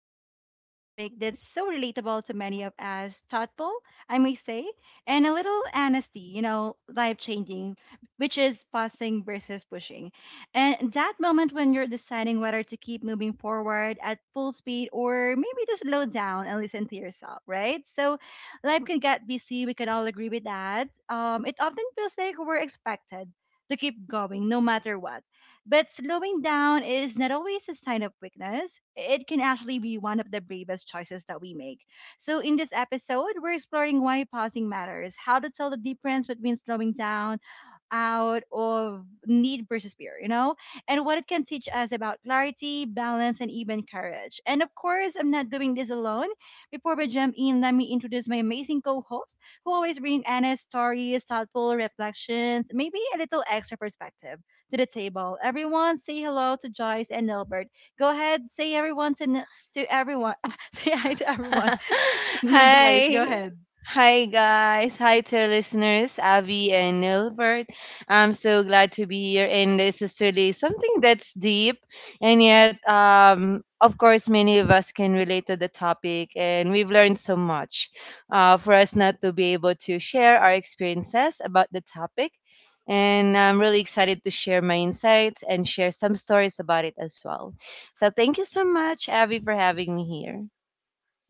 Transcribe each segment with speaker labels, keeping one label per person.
Speaker 1: diving into a topic that's so relatable to many of us, thoughtful, I may say, and a little honesty, life changing, which is pausing versus pushing. And that moment when you're deciding whether to keep moving forward at full speed or maybe just slow down and listen to yourself, right? So life can get busy, we can all agree with that. It often feels like we're expected to keep going no matter what, but slowing down is not always a sign of weakness. It can actually be one of the bravest choices that we make. So, in this episode, we're exploring why pausing matters, how to tell the difference between slowing down out of need versus fear, and what it can teach us about clarity, balance, and even courage. And of course, I'm not doing this alone. Before we jump in, let me introduce my amazing co hosts who always bring honest stories, thoughtful reflections, maybe a little extra perspective to the table. Everyone, say hello to Joyce and Nilbert. Go ahead, say everyone to Nil- to everyone. say hi to everyone. Joyce, go
Speaker 2: Hi.
Speaker 1: ahead.
Speaker 2: Hi, guys. Hi to our listeners, Avi and Nilbert. I'm so glad to be here. And this is really something that's deep. And yet, of course, many of us can relate to the topic. And we've learned so much for us not to be able to share our experiences about the topic. And I'm really excited to share my insights and share some stories about it as well. So, thank you so much, Avi, for having me here.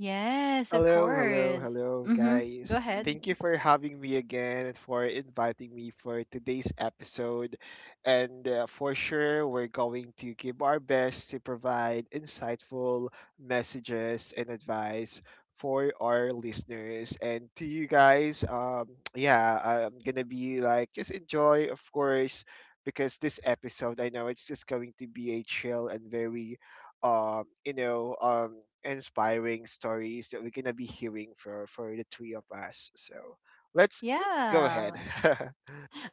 Speaker 1: Yes, of
Speaker 3: Hello, hello,
Speaker 1: course.
Speaker 3: hello,
Speaker 1: Mm-hmm. Go
Speaker 3: guys.
Speaker 1: ahead.
Speaker 3: Thank you for having me again and for inviting me for today's episode. And For sure, we're going to give our best to provide insightful messages and advice for our listeners. And to you guys, yeah, I'm going to be like, just enjoy, of course, because this episode, I know it's just going to be a chill and very inspiring stories that we're gonna be hearing for the three of us, so let's go ahead.
Speaker 1: Yeah.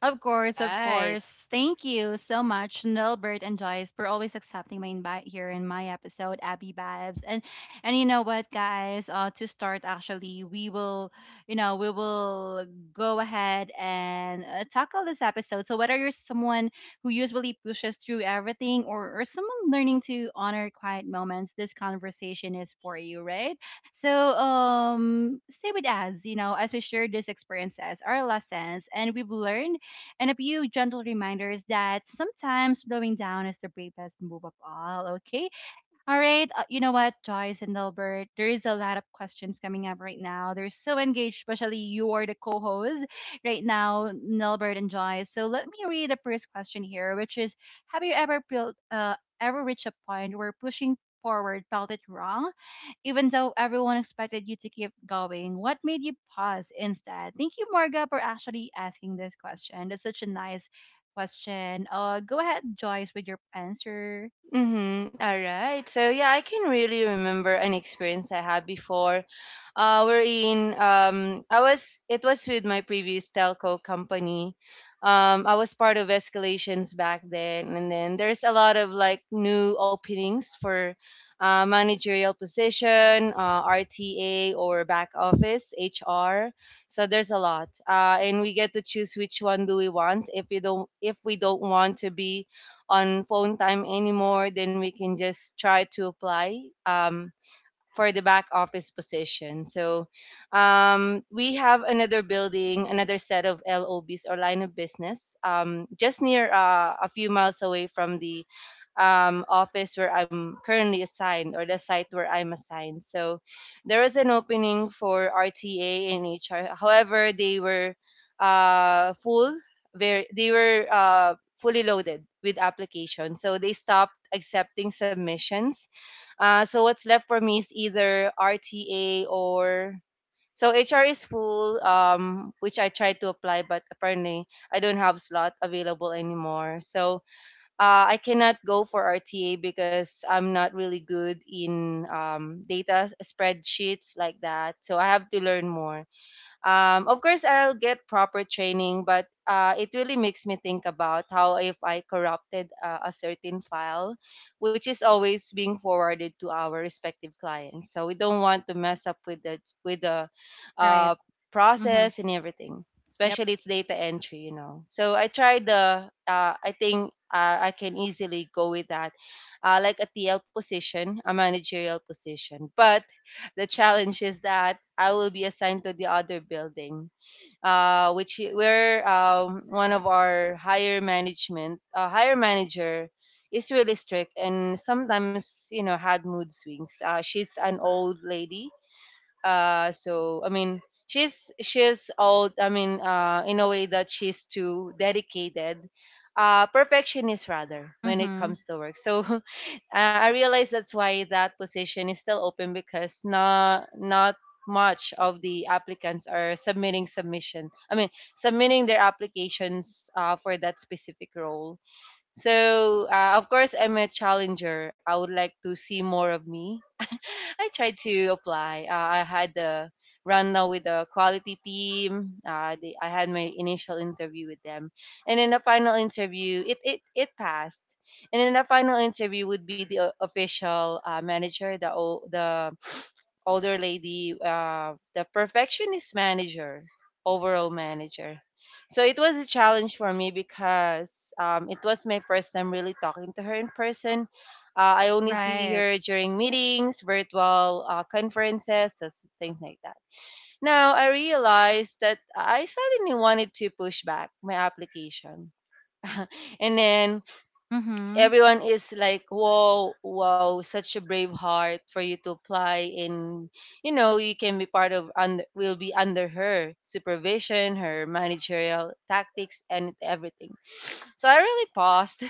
Speaker 1: Of course, of
Speaker 2: Right.
Speaker 1: course. Thank you so much, Nilbert and Joyce, for always accepting my invite here in my episode, Abby Babs. And you know what, guys? To start, actually, we will, we will go ahead and tackle this episode. So whether you're someone who usually pushes through everything, or someone learning to honor quiet moments, this conversation is for you, right? So stay with us, as we share these experiences, our lessons, and we've learned, and a few gentle reminders that sometimes slowing down is the bravest move of all, okay? All right, you know what, Joyce and Albert, there is a lot of questions coming up right now. They're so engaged, especially you are the co-host right now, Nelbert and Joyce. So let me read the first question here, which is, have you ever built ever reached a point where pushing forward felt it wrong, even though everyone expected you to keep going? What made you pause instead? Thank you, Marga, for actually asking this question. That's such a nice question. Go ahead, Joyce, with your answer.
Speaker 2: Mm-hmm. All right. So yeah, I can really remember an experience I had before. We're in. I was. It was with my previous telco company. I was part of escalations back then, and then there's a lot of like new openings for managerial position, RTA or back office, HR. So there's a lot, and we get to choose which one do we want. If we don't want to be on phone time anymore, then we can just try to apply um, for the back office position. So we have another building, another set of LOBs or line of business, just near a few miles away from the office where I'm currently assigned or the site where I'm assigned. So there was an opening for RTA and HR. However, they were uh, full, they were fully loaded with applications. So they stopped accepting submissions, so what's left for me is either RTA or so HR is full, which I tried to apply, but apparently I don't have slot available anymore. So I cannot go for RTA because I'm not really good in spreadsheets like that. So I have to learn more. Of course, I'll get proper training, but it really makes me think about how if I corrupted a certain file, which is always being forwarded to our respective clients. So we don't want to mess up with the
Speaker 1: Right.
Speaker 2: uh,
Speaker 1: Mm-hmm.
Speaker 2: process and everything,
Speaker 1: Yep.
Speaker 2: especially it's data entry, you know. So I tried the. I think I can easily go with that, like a TL position, a managerial position, but the challenge is that I will be assigned to the other building, where one of our higher management, higher manager, is really strict and sometimes, you know, had mood swings. She's an old lady, so I mean, she's all I mean, in a way that she's too dedicated, perfectionist rather when it
Speaker 1: Mm-hmm.
Speaker 2: comes to work. So I realize that's why that position is still open because not much of the applicants are submitting submission. I mean, submitting their applications for that specific role. So, of course, I'm a challenger. I would like to see more of me. I tried to apply. I had the run now with the quality team. I had my initial interview with them, and in the final interview, it passed. And in the final interview would be the official manager, the older lady, the perfectionist manager, overall manager. So it was a challenge for me because it was my first time really talking to her in person. I only see
Speaker 1: Right.
Speaker 2: her during meetings, virtual conferences, things like that. Now I realized that I suddenly wanted to push back my application, and then
Speaker 1: Mm-hmm.
Speaker 2: everyone is like, wow, wow, such a brave heart for you to apply, and you know you can be part of, under will be under her supervision, her managerial tactics and everything. So I really paused,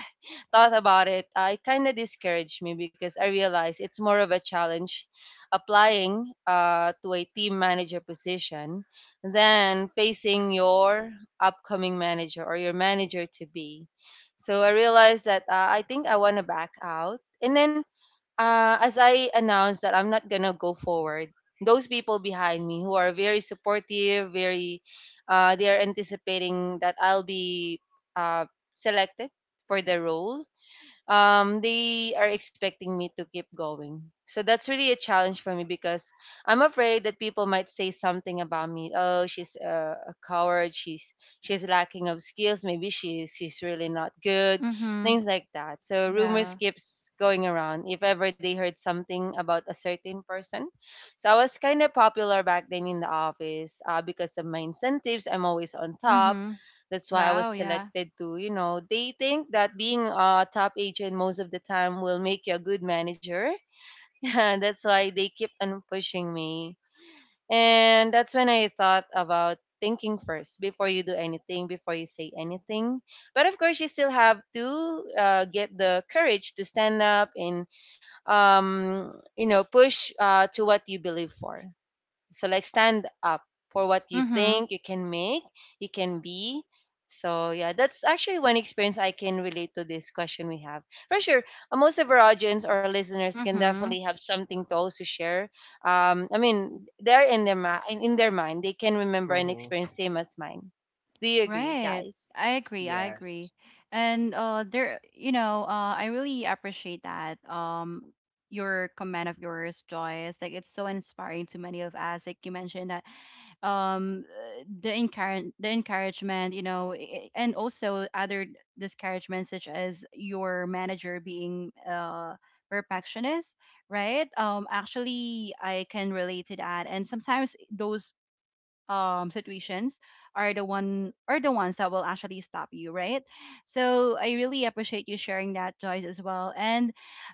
Speaker 2: thought about it. It kind of discouraged me because I realized it's more of a challenge applying to a team manager position than facing your upcoming manager or your manager to be. So I realized that I think I want to back out. And then as I announced that I'm not going to go forward, those people behind me who are very supportive, very, they are anticipating that I'll be uh, selected for the role, they are expecting me to keep going. So that's really a challenge for me because I'm afraid that people might say something about me. Oh, she's a coward. She's lacking of skills. Maybe she's really not good.
Speaker 1: Mm-hmm.
Speaker 2: Things like that. So rumors
Speaker 1: Yeah.
Speaker 2: keeps going around. If ever they heard something about a certain person, so I was kind of popular back then in the office because of my incentives. I'm always on top.
Speaker 1: Mm-hmm.
Speaker 2: That's why I was
Speaker 1: Wow. Yeah.
Speaker 2: selected to, you know, they think that being a top agent most of the time will make you a good manager. And that's why they kept on pushing me. And that's when I thought about thinking first before you do anything, before you say anything. But of course, you still have to get the courage to stand up and, you know, push to what you believe for. So like stand up for what you
Speaker 1: Mm-hmm.
Speaker 2: think you can make, you can be. So yeah, that's actually one experience I can relate to this question we have. For sure, most of our audience or listeners can
Speaker 1: Mm-hmm.
Speaker 2: definitely have something to also share. I mean, they're in their mind, they can remember an
Speaker 3: hmm
Speaker 2: experience same as mine. Do you agree,
Speaker 1: Right.
Speaker 2: guys?
Speaker 1: I agree. I agree.
Speaker 3: yes
Speaker 1: And there, you know, I really appreciate that. Your comment of yours, Joyce, like it's so inspiring to many of us. Like you mentioned that um the encouragement, you know, and also other discouragements such as your manager being perfectionist, right? Um, actually I can relate to that. And sometimes those situations are the ones that will actually stop you, right? So I really appreciate you sharing that, Joyce, as well. And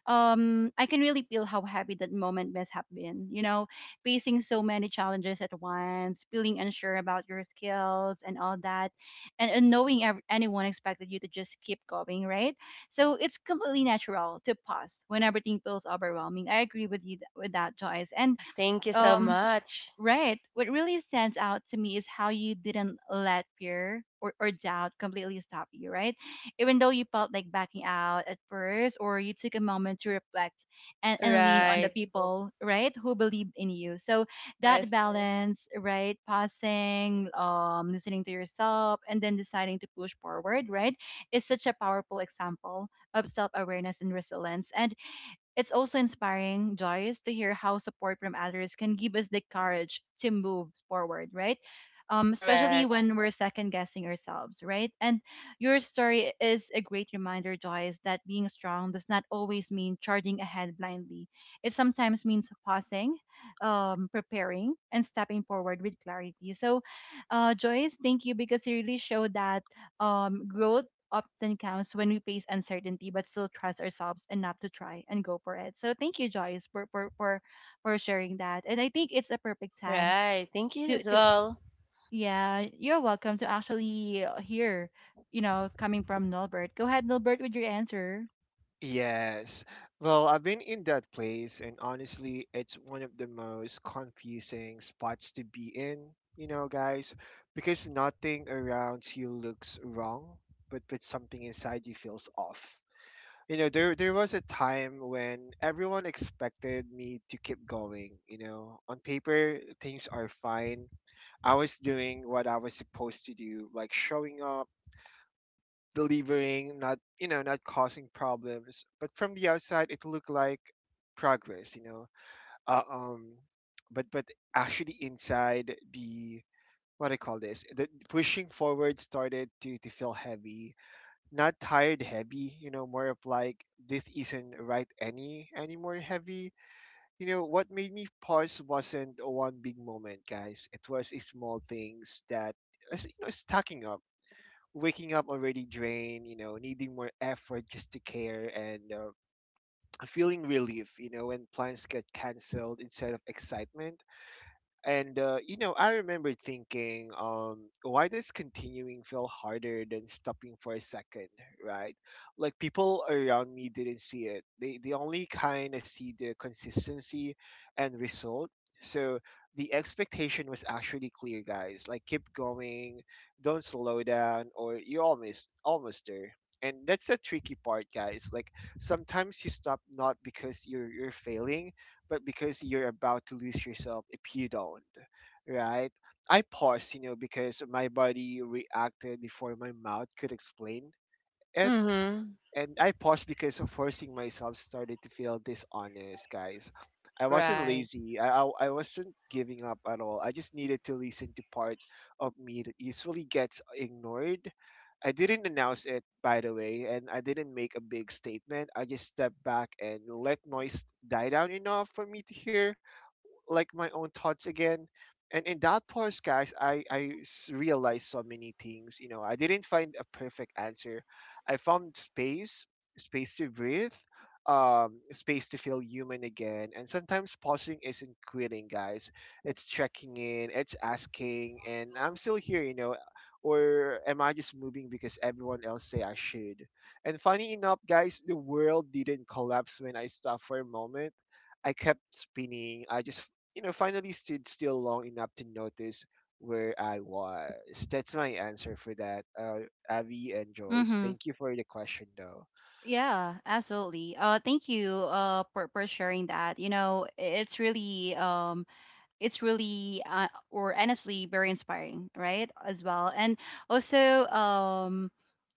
Speaker 1: I can really feel how happy that moment must have been, you know, facing so many challenges at once, feeling unsure about your skills and all that, and knowing anyone expected you to just keep going, right? So it's completely natural to pause when everything feels overwhelming. I agree with you with that, Joyce. And
Speaker 2: Thank you so
Speaker 1: um,
Speaker 2: much.
Speaker 1: right. What really stands out to me is how you didn't let fear or doubt completely stop you, right? Even though you felt like backing out at first, or you took a moment to reflect and lean on the
Speaker 2: Right.
Speaker 1: people, right, who believed in you. So that
Speaker 2: Yes.
Speaker 1: balance, right, pausing, listening to yourself, and then deciding to push forward, right, is such a powerful example of self awareness and resilience. And it's also inspiring, Joyce, to hear how support from others can give us the courage to move forward, right? Especially
Speaker 2: Correct.
Speaker 1: when we're second guessing ourselves, right? And your story is a great reminder, Joyce, that being strong does not always mean charging ahead blindly. It sometimes means pausing, preparing, and stepping forward with clarity. So, Joyce, thank you because you really showed that growth often comes when we face uncertainty but still trust ourselves enough to try and go for it. So thank you, Joyce, for sharing that. And I think it's a perfect time
Speaker 2: Right. Thank you as
Speaker 1: to
Speaker 2: well.
Speaker 1: yeah, you're welcome to actually hear, you know, coming from Nilbert. Go ahead, Nilbert, with your answer.
Speaker 3: Yes. Well, I've been in that place, and honestly, it's one of the most confusing spots to be in, you know, guys, because nothing around you looks wrong, but something inside you feels off. You know, there was a time when everyone expected me to keep going. You know, on paper things are fine. I was doing what I was supposed to do, like showing up, delivering, not, you know, not causing problems, but from the outside it looked like progress, you know. Uh, um but Actually inside, the what I call this, the pushing forward, started to feel heavy. Not tired heavy, you know, more of like this isn't right anymore heavy. You know what made me pause wasn't one big moment, guys. It was a small things that, you know, stacking up. Waking up already drained, you know, needing more effort just to care, and feeling relief, you know, when plans get cancelled instead of excitement. And you know, I remember thinking, why does continuing feel harder than stopping for a second, right? Like, people around me didn't see it. They only kind of see the consistency and result. So the expectation was actually clear, guys. Like, keep going, don't slow down, or you're almost there. And that's the tricky part, guys. Like, sometimes you stop not because you're failing, but because you're about to lose yourself if you don't, right? I paused, you know, because my body reacted before my mouth could explain it.
Speaker 2: Mhm.
Speaker 3: And I paused because forcing myself started to feel dishonest, guys. I wasn't
Speaker 2: Right.
Speaker 3: lazy. I wasn't giving up at all. I just needed to listen to part of me that usually gets ignored. I didn't announce it, by the way, and I didn't make a big statement. I just stepped back and let noise die down enough for me to hear like my own thoughts again. And in that podcast, I realized so many things. You know, I didn't find a perfect answer. I found space, space to breathe, space to feel human again. And sometimes pausing isn't quitting, guys. It's checking in, it's asking, and I'm still here, you know. Or am I just moving because everyone else say I should? And funny enough, guys, the world didn't collapse when I stopped for a moment. I kept spinning. I just, you know, finally stood still long enough to notice where I was. That's my answer for that, Abby and Joyce.
Speaker 1: Mm-hmm.
Speaker 3: Thank you for the question, though.
Speaker 1: Yeah, absolutely. Thank you for sharing that. You know, it's really or honestly very inspiring, right? As well. And also um,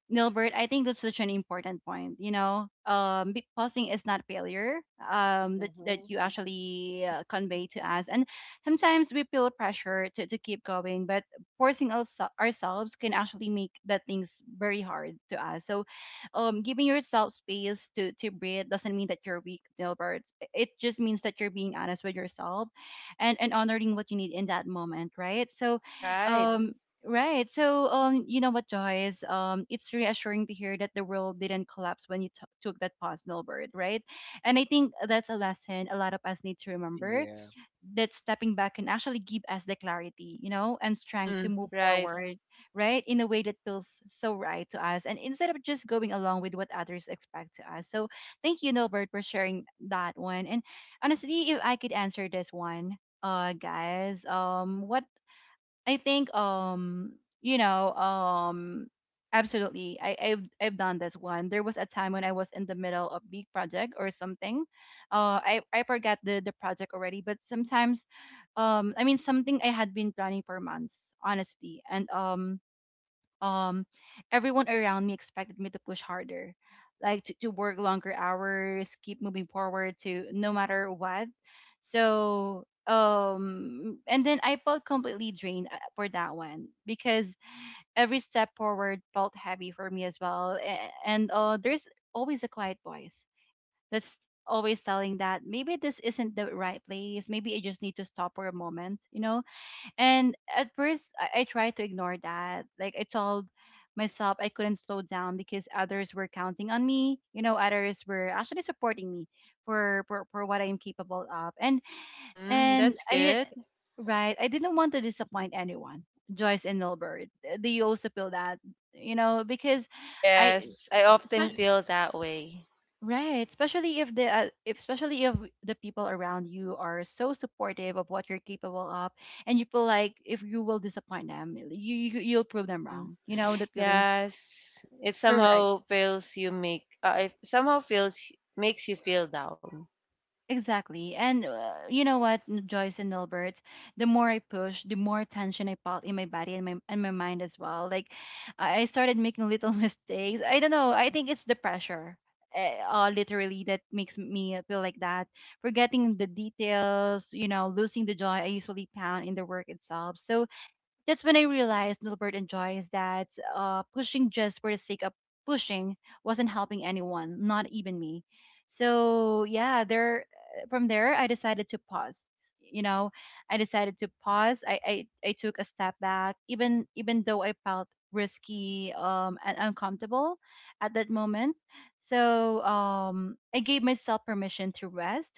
Speaker 1: Nilbert, I think that's such an important point. You know, pausing is not failure. That
Speaker 3: hmm
Speaker 1: you actually convey to us, and sometimes we feel pressure to keep going, but forcing us ourselves can actually make that things very hard to us. So, giving yourself space to breathe doesn't mean that you're weak, Nilbert. It just means that you're being honest with yourself, and honoring what you need in that moment, right? So,
Speaker 2: Right.
Speaker 1: um, right. So, you know what, Joyce? It's reassuring to hear that the world didn't collapse when you took that personal bird, right? And I think that's a lesson a lot of us need to remember,
Speaker 3: Yeah,
Speaker 1: that stepping back can actually give us the clarity, you know, and strength to
Speaker 2: Mm,
Speaker 1: move
Speaker 2: right.
Speaker 1: forward, right, in a way that feels so right to us, and instead of just going along with what others expect to us. So, thank you, Nilbert, for sharing that one. And honestly, if I could answer this one, guys, what I think you know um absolutely I I've done this one. There was a time when I was in the middle of big project or something. Uh, I forgot the project already, but sometimes um, I mean something I had been planning for months, honestly. And um, everyone around me expected me to push harder, like to work longer hours, keep moving forward to no matter what. So um, and then I felt completely drained, for that one, because every step forward felt heavy for me as well. And uh, there's always a quiet voice that's always telling that maybe this isn't the right place, maybe I just need to stop for a moment, you know. And at first, I tried to ignore that. Like I told myself I couldn't slow down because others were counting on me. You know, others were actually supporting me for what I'm capable of.
Speaker 2: Mhm,
Speaker 1: And
Speaker 2: that's
Speaker 1: I didn't,
Speaker 2: good.
Speaker 1: right. I didn't want to disappoint anyone. Joyce and Nilbert, do you also feel that? You know, because I,
Speaker 2: Yes, I often feel that way.
Speaker 1: right, especially if the people around you are so supportive of what you're capable of, and you feel like if you will disappoint them, you you'll prove them
Speaker 2: Mm,
Speaker 1: wrong. You know that feeling.
Speaker 2: yes, it
Speaker 1: Correct.
Speaker 2: somehow feels you make. It somehow feels makes you feel down.
Speaker 1: Exactly. And you know what, Joyce and Nilbert, the more I push, the more tension I felt in my body and my mind as well. Like I started making little mistakes. I don't know. I think it's the pressure. Literally that makes me feel like that, forgetting the details, you know, losing the joy I usually found in the work itself. So that's when I realized, Nilbert enjoys that, pushing just for the sake of pushing wasn't helping anyone, not even me. So yeah, there from there I decided to pause. You know, I decided to pause. I took a step back, even though I felt risky and uncomfortable at that moment. So I gave myself permission to rest,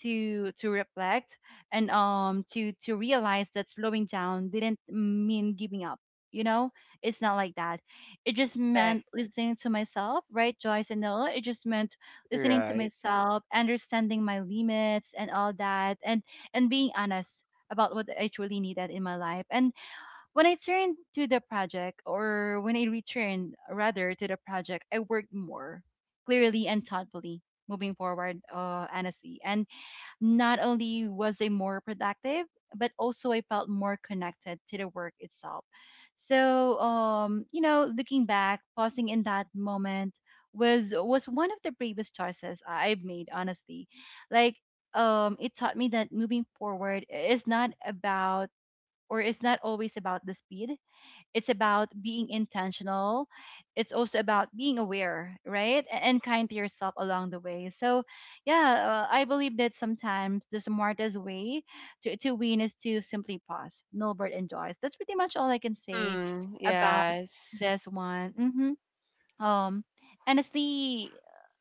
Speaker 1: to reflect, and to realize that slowing down didn't mean giving up, you know. It's not like that. It just
Speaker 2: Correct.
Speaker 1: meant listening to myself, right, Joyce and Noah. It just meant listening to
Speaker 3: right.
Speaker 1: myself, understanding my limits and all that, and being honest about what I truly needed in my life. And when I turned to the project, or when I returned rather to the project, I worked more clearly and thoughtfully, moving forward honestly. And not only was I more productive, but also I felt more connected to the work itself. So, you know, looking back, pausing in that moment was one of the bravest choices I've made, honestly. Like, it taught me that moving forward is not about, or is not always about the speed, it's about being intentional. It's also about being aware, right? And kind to yourself along the way. So, yeah, I believe that sometimes the smartest way to win is to simply pause. Milbert enjoys. That's pretty much all I can say
Speaker 2: Mm,
Speaker 1: about
Speaker 2: yes.
Speaker 1: this one. Um, Honestly,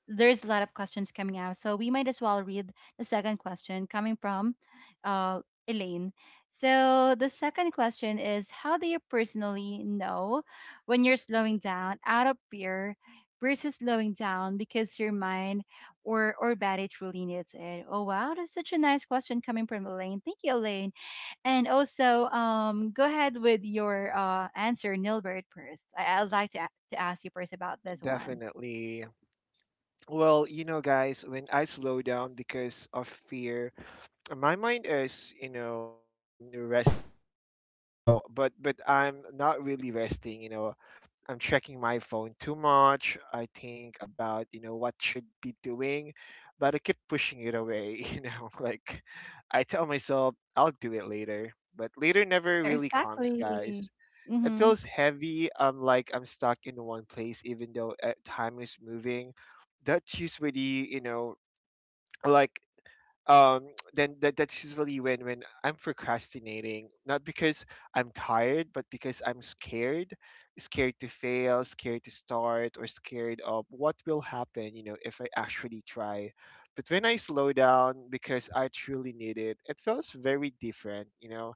Speaker 1: there's a lot of questions coming out, so we might as well read the second question coming from uh, Elaine. So the second question is, how do you personally know when you're slowing down out of fear versus slowing down because your mind or body truly needs it? Oh wow, that's such a nice question coming from Elaine. Thank you, Elaine. And also, go ahead with your answer, Nilbert, first. I'd like to, to ask you first about this one.
Speaker 3: Definitely. Well, you know, guys, when I slow down because of fear, my mind is, you know, resting, you know, but I'm not really resting, you know. I'm checking my phone too much. I think about, you know, what should be doing, but I keep pushing it away, you know, like, I tell myself I'll do it later, but later never really comes,
Speaker 1: Exactly.
Speaker 3: guys. It
Speaker 1: Mm-hmm.
Speaker 3: feels heavy. I'm like I'm stuck in one place even though time is moving. That's usually, you know, like, um then that's usually when I'm procrastinating, not because I'm tired but because I'm scared. Scared to fail, scared to start, or scared of what will happen, you know, if I actually try. But when I slow down because I truly need it, it feels very different, you know.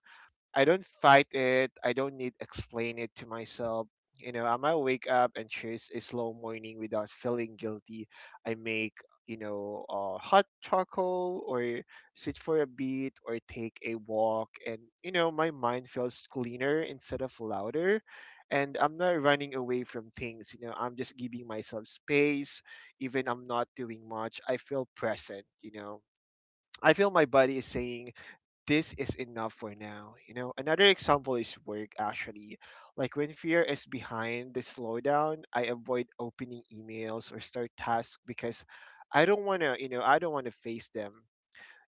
Speaker 3: I don't fight it. I don't need explain it to myself. You know, I might wake up and choose a slow morning without feeling guilty. I make, you know, hot charcoal, or sit for a bit, or take a walk, and you know, my mind feels cleaner instead of louder, and I'm not running away from things. You know, I'm just giving myself space. Even I'm not doing much, I feel present, you know. I feel my body is saying this is enough for now. You know, another example is work actually. Like, when fear is behind the slowdown, I avoid opening emails or start tasks because I don't want to, you know, I don't want to face them.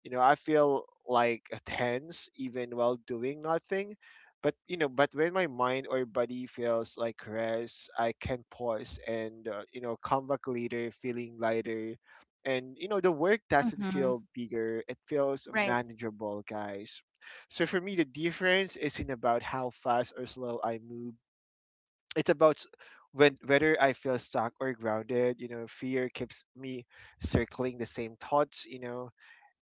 Speaker 3: You know, I feel like tense even while doing nothing, but you know, but when my mind or body feels like rest, I can pause and you know, come back later feeling lighter, and you know, the work doesn't
Speaker 1: Mm-hmm.
Speaker 3: feel bigger, it feels
Speaker 1: Right.
Speaker 3: manageable, guys. So for me, the difference isn't about how fast or slow I move. It's about s- when whether I feel stuck or grounded. You know, fear keeps me circling the same thoughts, you know,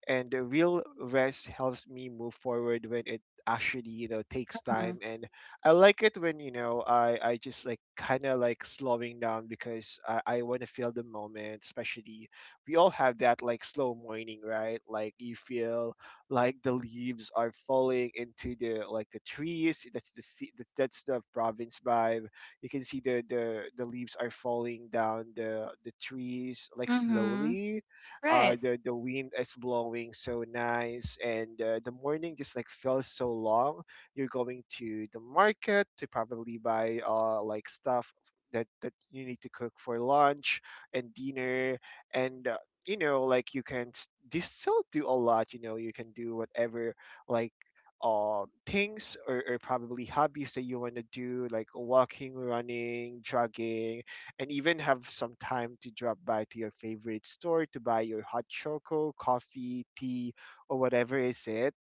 Speaker 3: and the real rest helps me move forward when it actually, you know, takes
Speaker 1: Mm-hmm.
Speaker 3: time. And I like it when, you know, I just like kind of like slowing down because I want to feel the moment. Especially we all have that like slow morning, right? Like, you feel like the leaves are falling into the like the trees. That's the province vibe. You can see the the leaves are falling down the trees like
Speaker 1: Mm-hmm.
Speaker 3: slowly.
Speaker 1: Right.
Speaker 3: The wind is blowing so nice, and the morning just like feels so long. You're going to the market to probably buy, uh, like stuff that that you need to cook for lunch and dinner, and you know, like, you can do still do a lot. You know, you can do whatever, like, things, or probably hobbies that you want to do, like walking, running, jogging, and even have some time to drop by to your favorite store to buy your hot choco, coffee, tea, or whatever is it.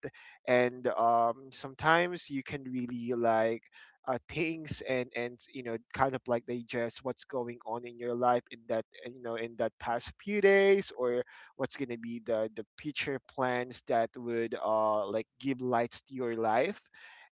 Speaker 3: And sometimes you can really like, things, and you know, kind of like digest what's going on in your life in that, you know, in that past few days, or what's going to be the future plans that would like give lights to your life.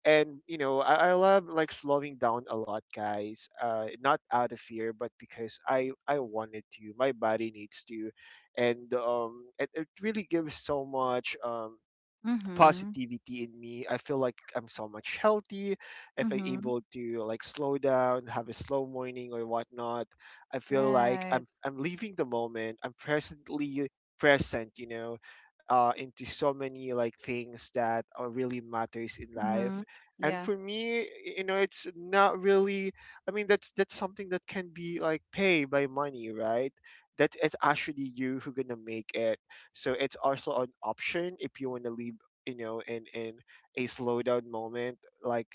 Speaker 3: And you know, I love like slowing down a lot, guys, not out of fear, but because I wanted to, my body needs to. And it, it really gives so much
Speaker 1: Mm-hmm.
Speaker 3: positivity in me. I feel like I'm so much healthy if I'm
Speaker 1: Mm-hmm.
Speaker 3: able to like slow down, have a slow morning or whatnot. I feel like
Speaker 1: Right.
Speaker 3: I'm leaving the moment. I'm present, you know, into so many like things that are really matters in life.
Speaker 1: Mm-hmm.
Speaker 3: And
Speaker 1: Yeah.
Speaker 3: for me, you know, it's not really. I mean, that's something that can be like paid by money, right? That it's actually you who gonna make it. So it's also an option if you want to leave, you know, in a slowdown moment, like,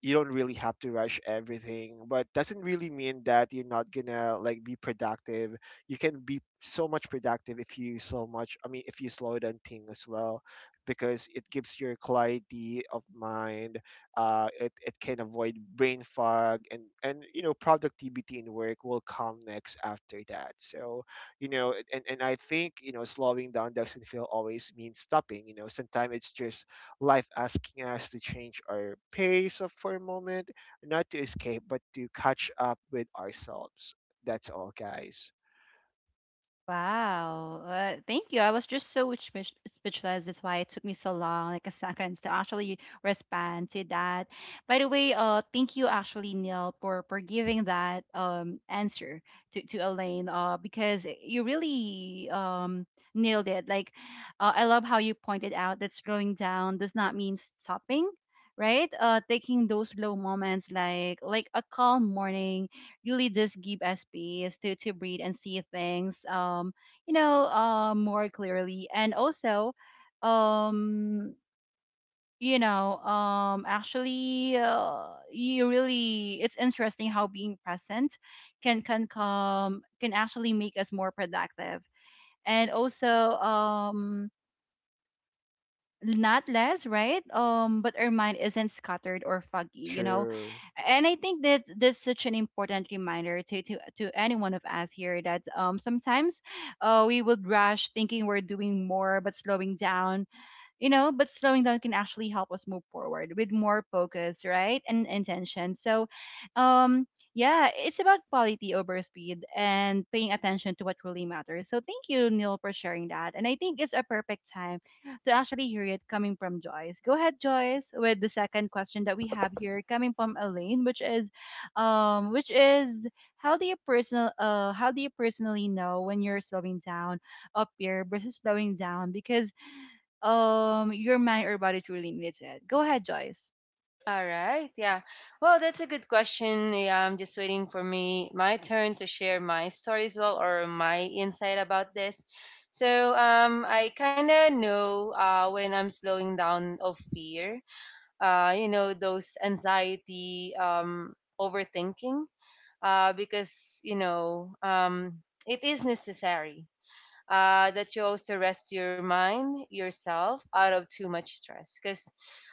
Speaker 3: you don't really have to rush everything, but doesn't really mean that you're not gonna like be productive. You can be so much productive if you so much, I mean, if you slow down thing as well, because it gives your clarity of mind. It, it can avoid brain fog, and you know, productivity in work will come next after that. So you know, and I think, you know, slowing down doesn't feel always mean stopping. You know, sometimes it's just life asking us to change our pace for a moment, not to escape but to catch up with ourselves. That's all, guys.
Speaker 1: Wow. Thank you. I was just so speechless. That's why it took me so long, like a second, to actually respond to that. By the way, thank you actually, Neil, for giving that answer to Elaine. Because you really nailed it. I love how you pointed out that slowing down does not mean stopping, right? Taking those low moments, like a calm morning really just give us space to breathe and see things more clearly and also um actually you really it's interesting how being present can come can actually make us more productive and also not less, right? But our mind isn't scattered or foggy, you know.
Speaker 3: True.
Speaker 1: And I think that that's such an important reminder to to any one of us here that sometimes, we would rush thinking we're doing more but slowing down can actually help us move forward with more focus, right, and intention. So um yeah, it's about quality over speed and paying attention to what really matters. So thank you, Neil, for sharing that, and I think it's a perfect time to actually hear it coming from Joyce. Go ahead, Joyce, with the second question that we have here coming from Elaine, which is um which is how do you personal how do you personally know when you're slowing down up here versus slowing down because your mind or body truly needs it. Go ahead, Joyce.
Speaker 2: All right. Yeah. Well, that's a good question. Yeah, I'm just waiting for me my turn to share my story as well or my insight about this. So, I kind of know when I'm slowing down of fear, you know those anxiety, overthinking, because you know, it is necessary that you also rest your mind yourself out of too much stress, because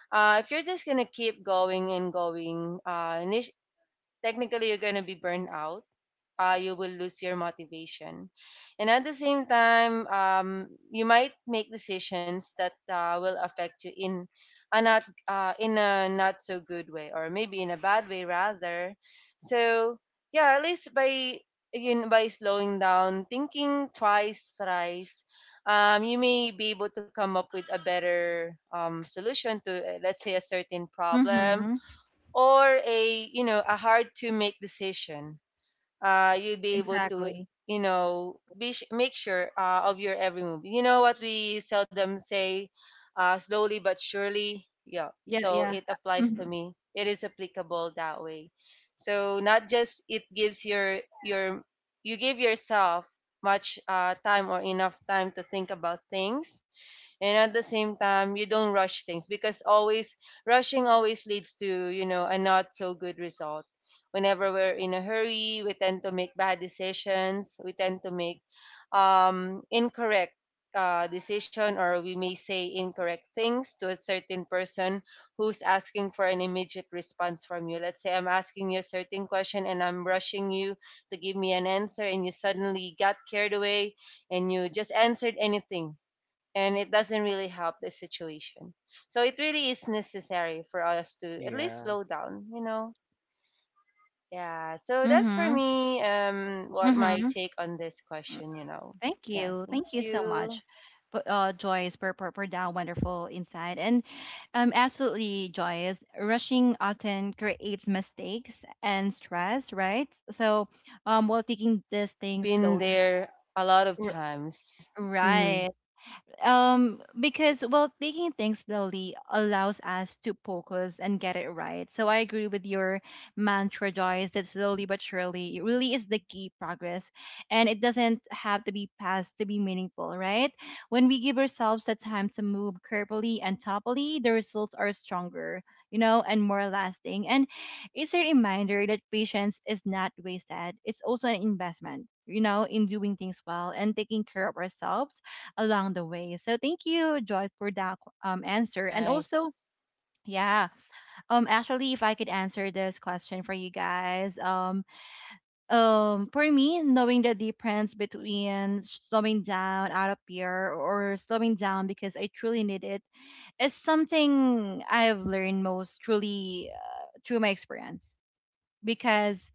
Speaker 2: if you're just gonna keep going and going, technically you're gonna be burned out, you will lose your motivation. And at the same time, you might make decisions that will affect you in a not, in a not so good way, or maybe in a bad way rather. So yeah, at least by slowing down, thinking twice, thrice, you may be able to come up with a better, solution to, let's say a certain problem
Speaker 1: Mm-hmm.
Speaker 2: or a, you know, a hard to make decision, you would be able to,
Speaker 1: Exactly.
Speaker 2: you know, make sure of your every move. You know what we seldom say, slowly but surely. Yeah,
Speaker 1: Yeah,
Speaker 2: so
Speaker 1: yeah.
Speaker 2: it applies to
Speaker 1: Mm-hmm.
Speaker 2: me. It is applicable that way. So not just it gives your, you give yourself much time or enough time to think about things, and at the same time you don't rush things, because always rushing always leads to, you know, a not so good result. Whenever we're in a hurry, we tend to make bad decisions, we tend to make, incorrect decision, or we may say incorrect things to a certain person who's asking for an immediate response from you. Let's say I'm asking you a certain question and I'm rushing you to give me an answer, and you suddenly got carried away and you just answered anything, and it doesn't really help the situation. So it really is necessary for us to at least
Speaker 3: Yeah,
Speaker 2: slow down, you know. Yeah. So that's for
Speaker 1: Mm-hmm.
Speaker 2: me what my
Speaker 1: Mm-hmm.
Speaker 2: take on this
Speaker 1: Mm,
Speaker 2: question, you know.
Speaker 1: thank
Speaker 2: Yeah,
Speaker 1: you.
Speaker 2: thank
Speaker 1: Thank you so
Speaker 2: you.
Speaker 1: much. For Joyce, for, for that wonderful insight. And absolutely, Joyce, rushing often creates mistakes and stress, right? So while taking this thing
Speaker 2: Been
Speaker 1: slowly,
Speaker 2: there a lot of
Speaker 1: r-
Speaker 2: times. Hmm.
Speaker 1: right, because well taking things slowly allows us to focus and get it right. So I agree with your mantra, Joyce, that slowly but surely, it really is the key progress, and it doesn't have to be fast to be meaningful, right? When we give ourselves the time to move carefully and thoughtfully, the results are stronger, you know, and more lasting. And it's a reminder that patience is not wasted. It's also an investment, you know, in doing things well and taking care of ourselves along the way. So thank you, Joyce, for that answer. And
Speaker 2: Right.
Speaker 1: also, yeah, actually, if I could answer this question for you guys, for me, knowing the difference between slowing down out of fear or slowing down because I truly need it is something I've learned most truly through my experience. Because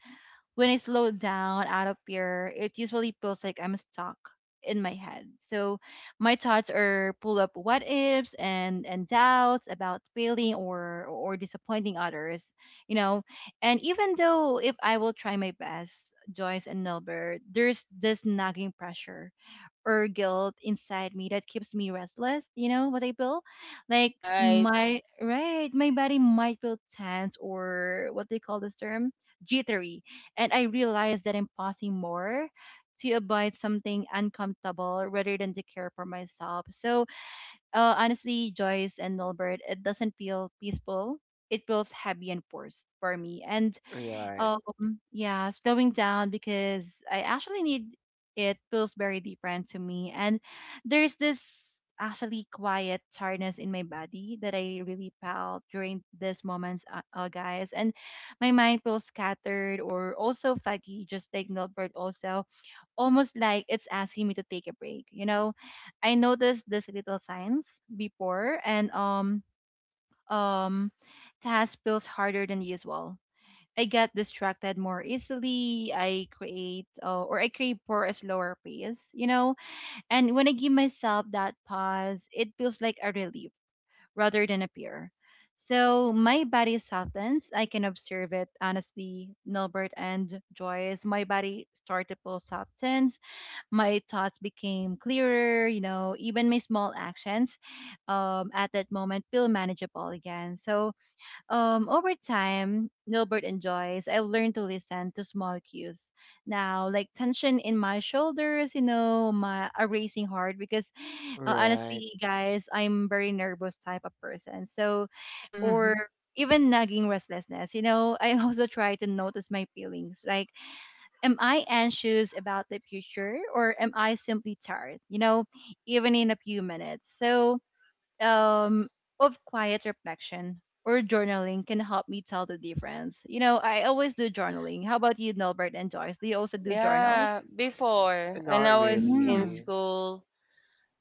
Speaker 1: when I slow down out of fear, it usually feels like I'm stuck in my head. So my thoughts are pull up what ifs and doubts about failing or disappointing others, you know. And even though if I will try my best, Joyce and Nilbert, there's this nagging pressure or guilt inside me that keeps me restless. You know what I feel? Like
Speaker 2: Right.
Speaker 1: my right, my body might feel tense, or what they call this term, jittery, and I realize that I'm passing more to avoid something uncomfortable rather than to care for myself. So honestly, Joyce and Nilbert, it doesn't feel peaceful. It feels heavy and forced for me. And
Speaker 3: right.
Speaker 1: yeah, slowing down because I actually need it feels very different to me. And there's this actually quiet tiredness in my body that I really felt during these moments, guys. And my mind feels scattered or also foggy, just like Nilbert also, almost like it's asking me to take a break. You know, I noticed these little signs before and um task feels harder than usual. I get distracted more easily. I create or I crave for a slower pace, you know. And when I give myself that pause, it feels like a relief rather than a fear. So my body softens. I can observe it honestly, Nilbert and Joyce. My body started to feel softens. My thoughts became clearer. You know, even my small actions at that moment feel manageable again. So over time, Nilbert enjoys, I've learned to listen to small cues now, like tension in my shoulders, you know, my a racing heart. Because
Speaker 3: Right.
Speaker 1: honestly, guys, I'm very nervous type of person. So, or
Speaker 2: Hmm.
Speaker 1: even nagging restlessness, you know, I also try to notice my feelings. Like, am I anxious about the future, or am I simply tired? You know, even in a few minutes. So, um, of quiet reflection or journaling can help me tell the difference. You know, I always do journaling. How about you, Nilbert and Joyce? Do you also do journals?
Speaker 2: Yeah, before when
Speaker 3: Not
Speaker 2: I was in
Speaker 1: Mm.
Speaker 3: really.
Speaker 2: school,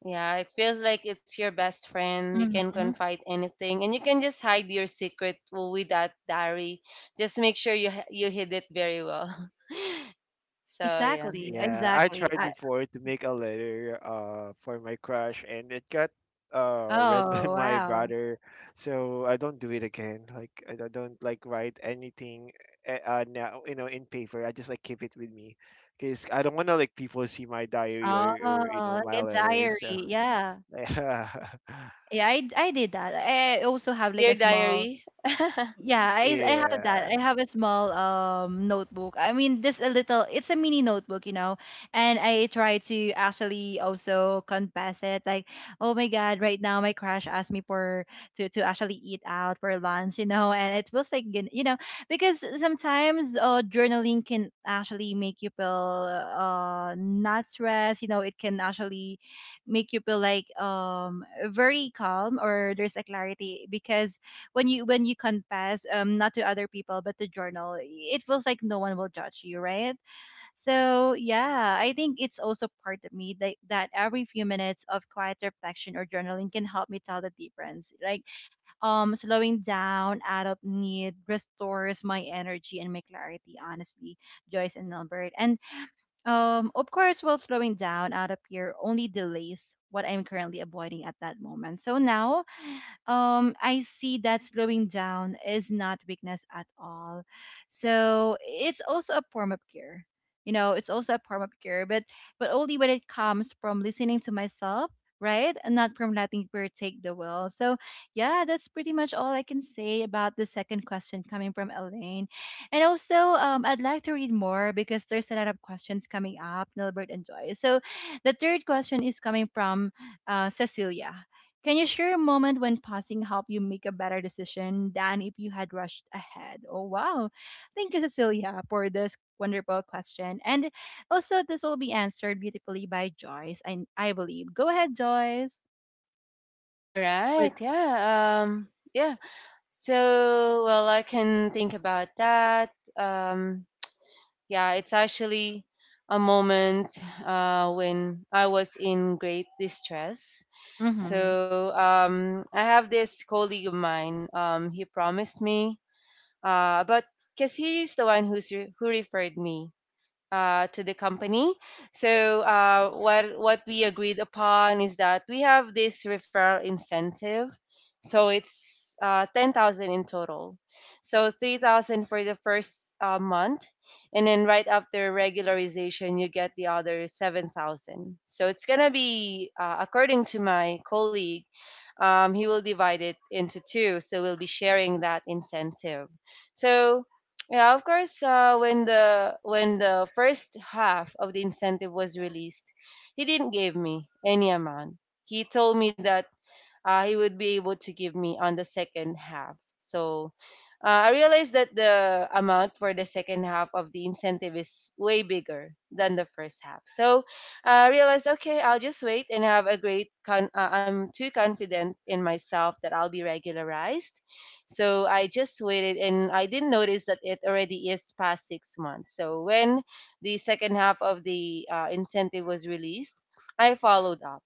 Speaker 2: yeah, it feels like it's your best friend. You can
Speaker 1: Mm-hmm.
Speaker 2: confide anything, and you can just hide your secret with that diary. Just make sure you you hid it very well. so yeah,
Speaker 1: Exactly,
Speaker 3: Yeah, I
Speaker 1: exactly.
Speaker 3: tried
Speaker 1: I,
Speaker 3: before to make a letter for my crush, and it got read by
Speaker 1: oh,
Speaker 3: my
Speaker 1: wow.
Speaker 3: brother. So I don't do it again. Like, I don't like write anything now, you know, in paper. I just like keep it with me because I don't want to like people see my diary,
Speaker 1: Oh,
Speaker 3: or you know, my
Speaker 1: like a diary.
Speaker 3: letters. So
Speaker 1: Yeah.
Speaker 3: yeah.
Speaker 1: Yeah, I did that. I also have like
Speaker 2: dear
Speaker 1: a small.
Speaker 2: diary.
Speaker 1: Yeah, I have that.
Speaker 3: Yeah.
Speaker 1: I have a small notebook. I mean, just a little. It's a mini notebook, you know. And I try to actually also confess it, like, oh my God, right now my crush asked me for to actually eat out for lunch, you know. And it feels like you know because sometimes journaling can actually make you feel not stressed. You know, it can actually make you feel like very calm, or there's a clarity. Because when you confess, not to other people but to journal, it feels like no one will judge you, right? So yeah, I think it's also part of me that, that every few minutes of quiet reflection or journaling can help me tell the difference. Like, slowing down out of need restores my energy and my clarity, honestly, Joyce and Albert, and of course while slowing down out of fear only delays what I'm currently avoiding at that moment. So now I see that slowing down is not weakness at all. So it's also a form of care. You know, it's also a form of care, but only when it comes from listening to myself, right? And not from letting fear take the will. So yeah, that's pretty much all I can say about the second question coming from Elaine. And also, I'd like to read more because there's a lot of questions coming up, Nilbert and Joy. So the third question is coming from Cecilia. Can you share a moment when pausing helped you make a better decision than if you had rushed ahead? Oh, wow. Thank you, Cecilia, for this wonderful question. And also, this will be answered beautifully by Joyce, I believe. Go ahead, Joyce.
Speaker 2: All
Speaker 1: But,
Speaker 2: right, yeah, um, yeah. So well, I can think about that. Yeah, it's actually a moment when I was in great distress.
Speaker 1: mm-hmm,
Speaker 2: So I have this colleague of mine. He promised me, but because he's the one who's who referred me to the company. So what we agreed upon is that we have this referral incentive. So it's 10,000 in total. So 3,000 for the first month, and then right after regularization, you get the other 7,000. So it's gonna be, according to my colleague, he will divide it into two, so we'll be sharing that incentive. So yeah, of course. When the first half of the incentive was released, he didn't give me any amount. He told me that he would be able to give me on the second half. So I realized that the amount for the second half of the incentive is way bigger than the first half. So I realized, okay, I'll just wait and have a great. Con- I'm too confident in myself that I'll be regularized. So I just waited and I didn't notice that it already is past 6 months. So when the second half of the incentive was released, I followed up.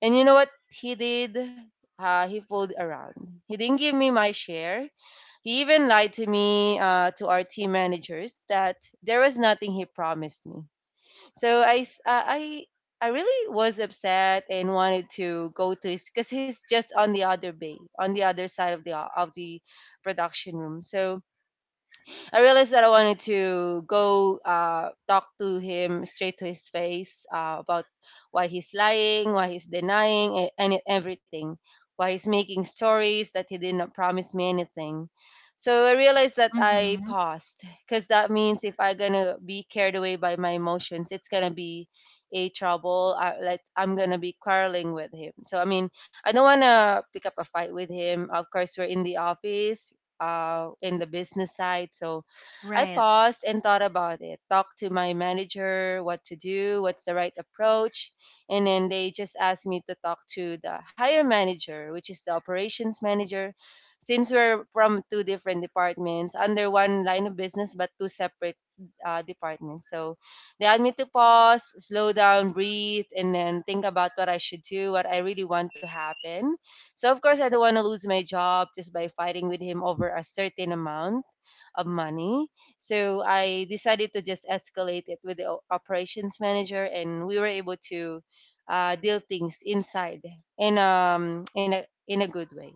Speaker 2: And you know what he did? He fooled around. He didn't give me my share. He even lied to me, to our team managers, that there was nothing he promised me. So I, s- uh, I, I really was upset and wanted to go to his, because he's just on the other bay, on the other side of the production room. So I realized that I wanted to go talk to him straight to his face about why he's lying, why he's denying, everything, why he's making stories that he did not promise me anything. So I realized that I
Speaker 1: mm-hmm,
Speaker 2: paused because that means if I'm gonna be carried away by my emotions, it's gonna be a trouble. I, like I'm gonna be quarreling with him. So I mean, I don't wanna pick up a fight with him. Of course, we're in the office, in the business side, so I
Speaker 1: right.
Speaker 2: paused and thought about it, talked to my manager what to do, what's the right approach. And then they just asked me to talk to the higher manager, which is the operations manager. Since we're from two different departments, under one line of business, but two separate departments. So they had me to pause, slow down, breathe, and then think about what I should do, what I really want to happen. So, of course, I don't want to lose my job just by fighting with him over a certain amount of money. So I decided to just escalate it with the operations manager, and we were able to deal things inside in a good way.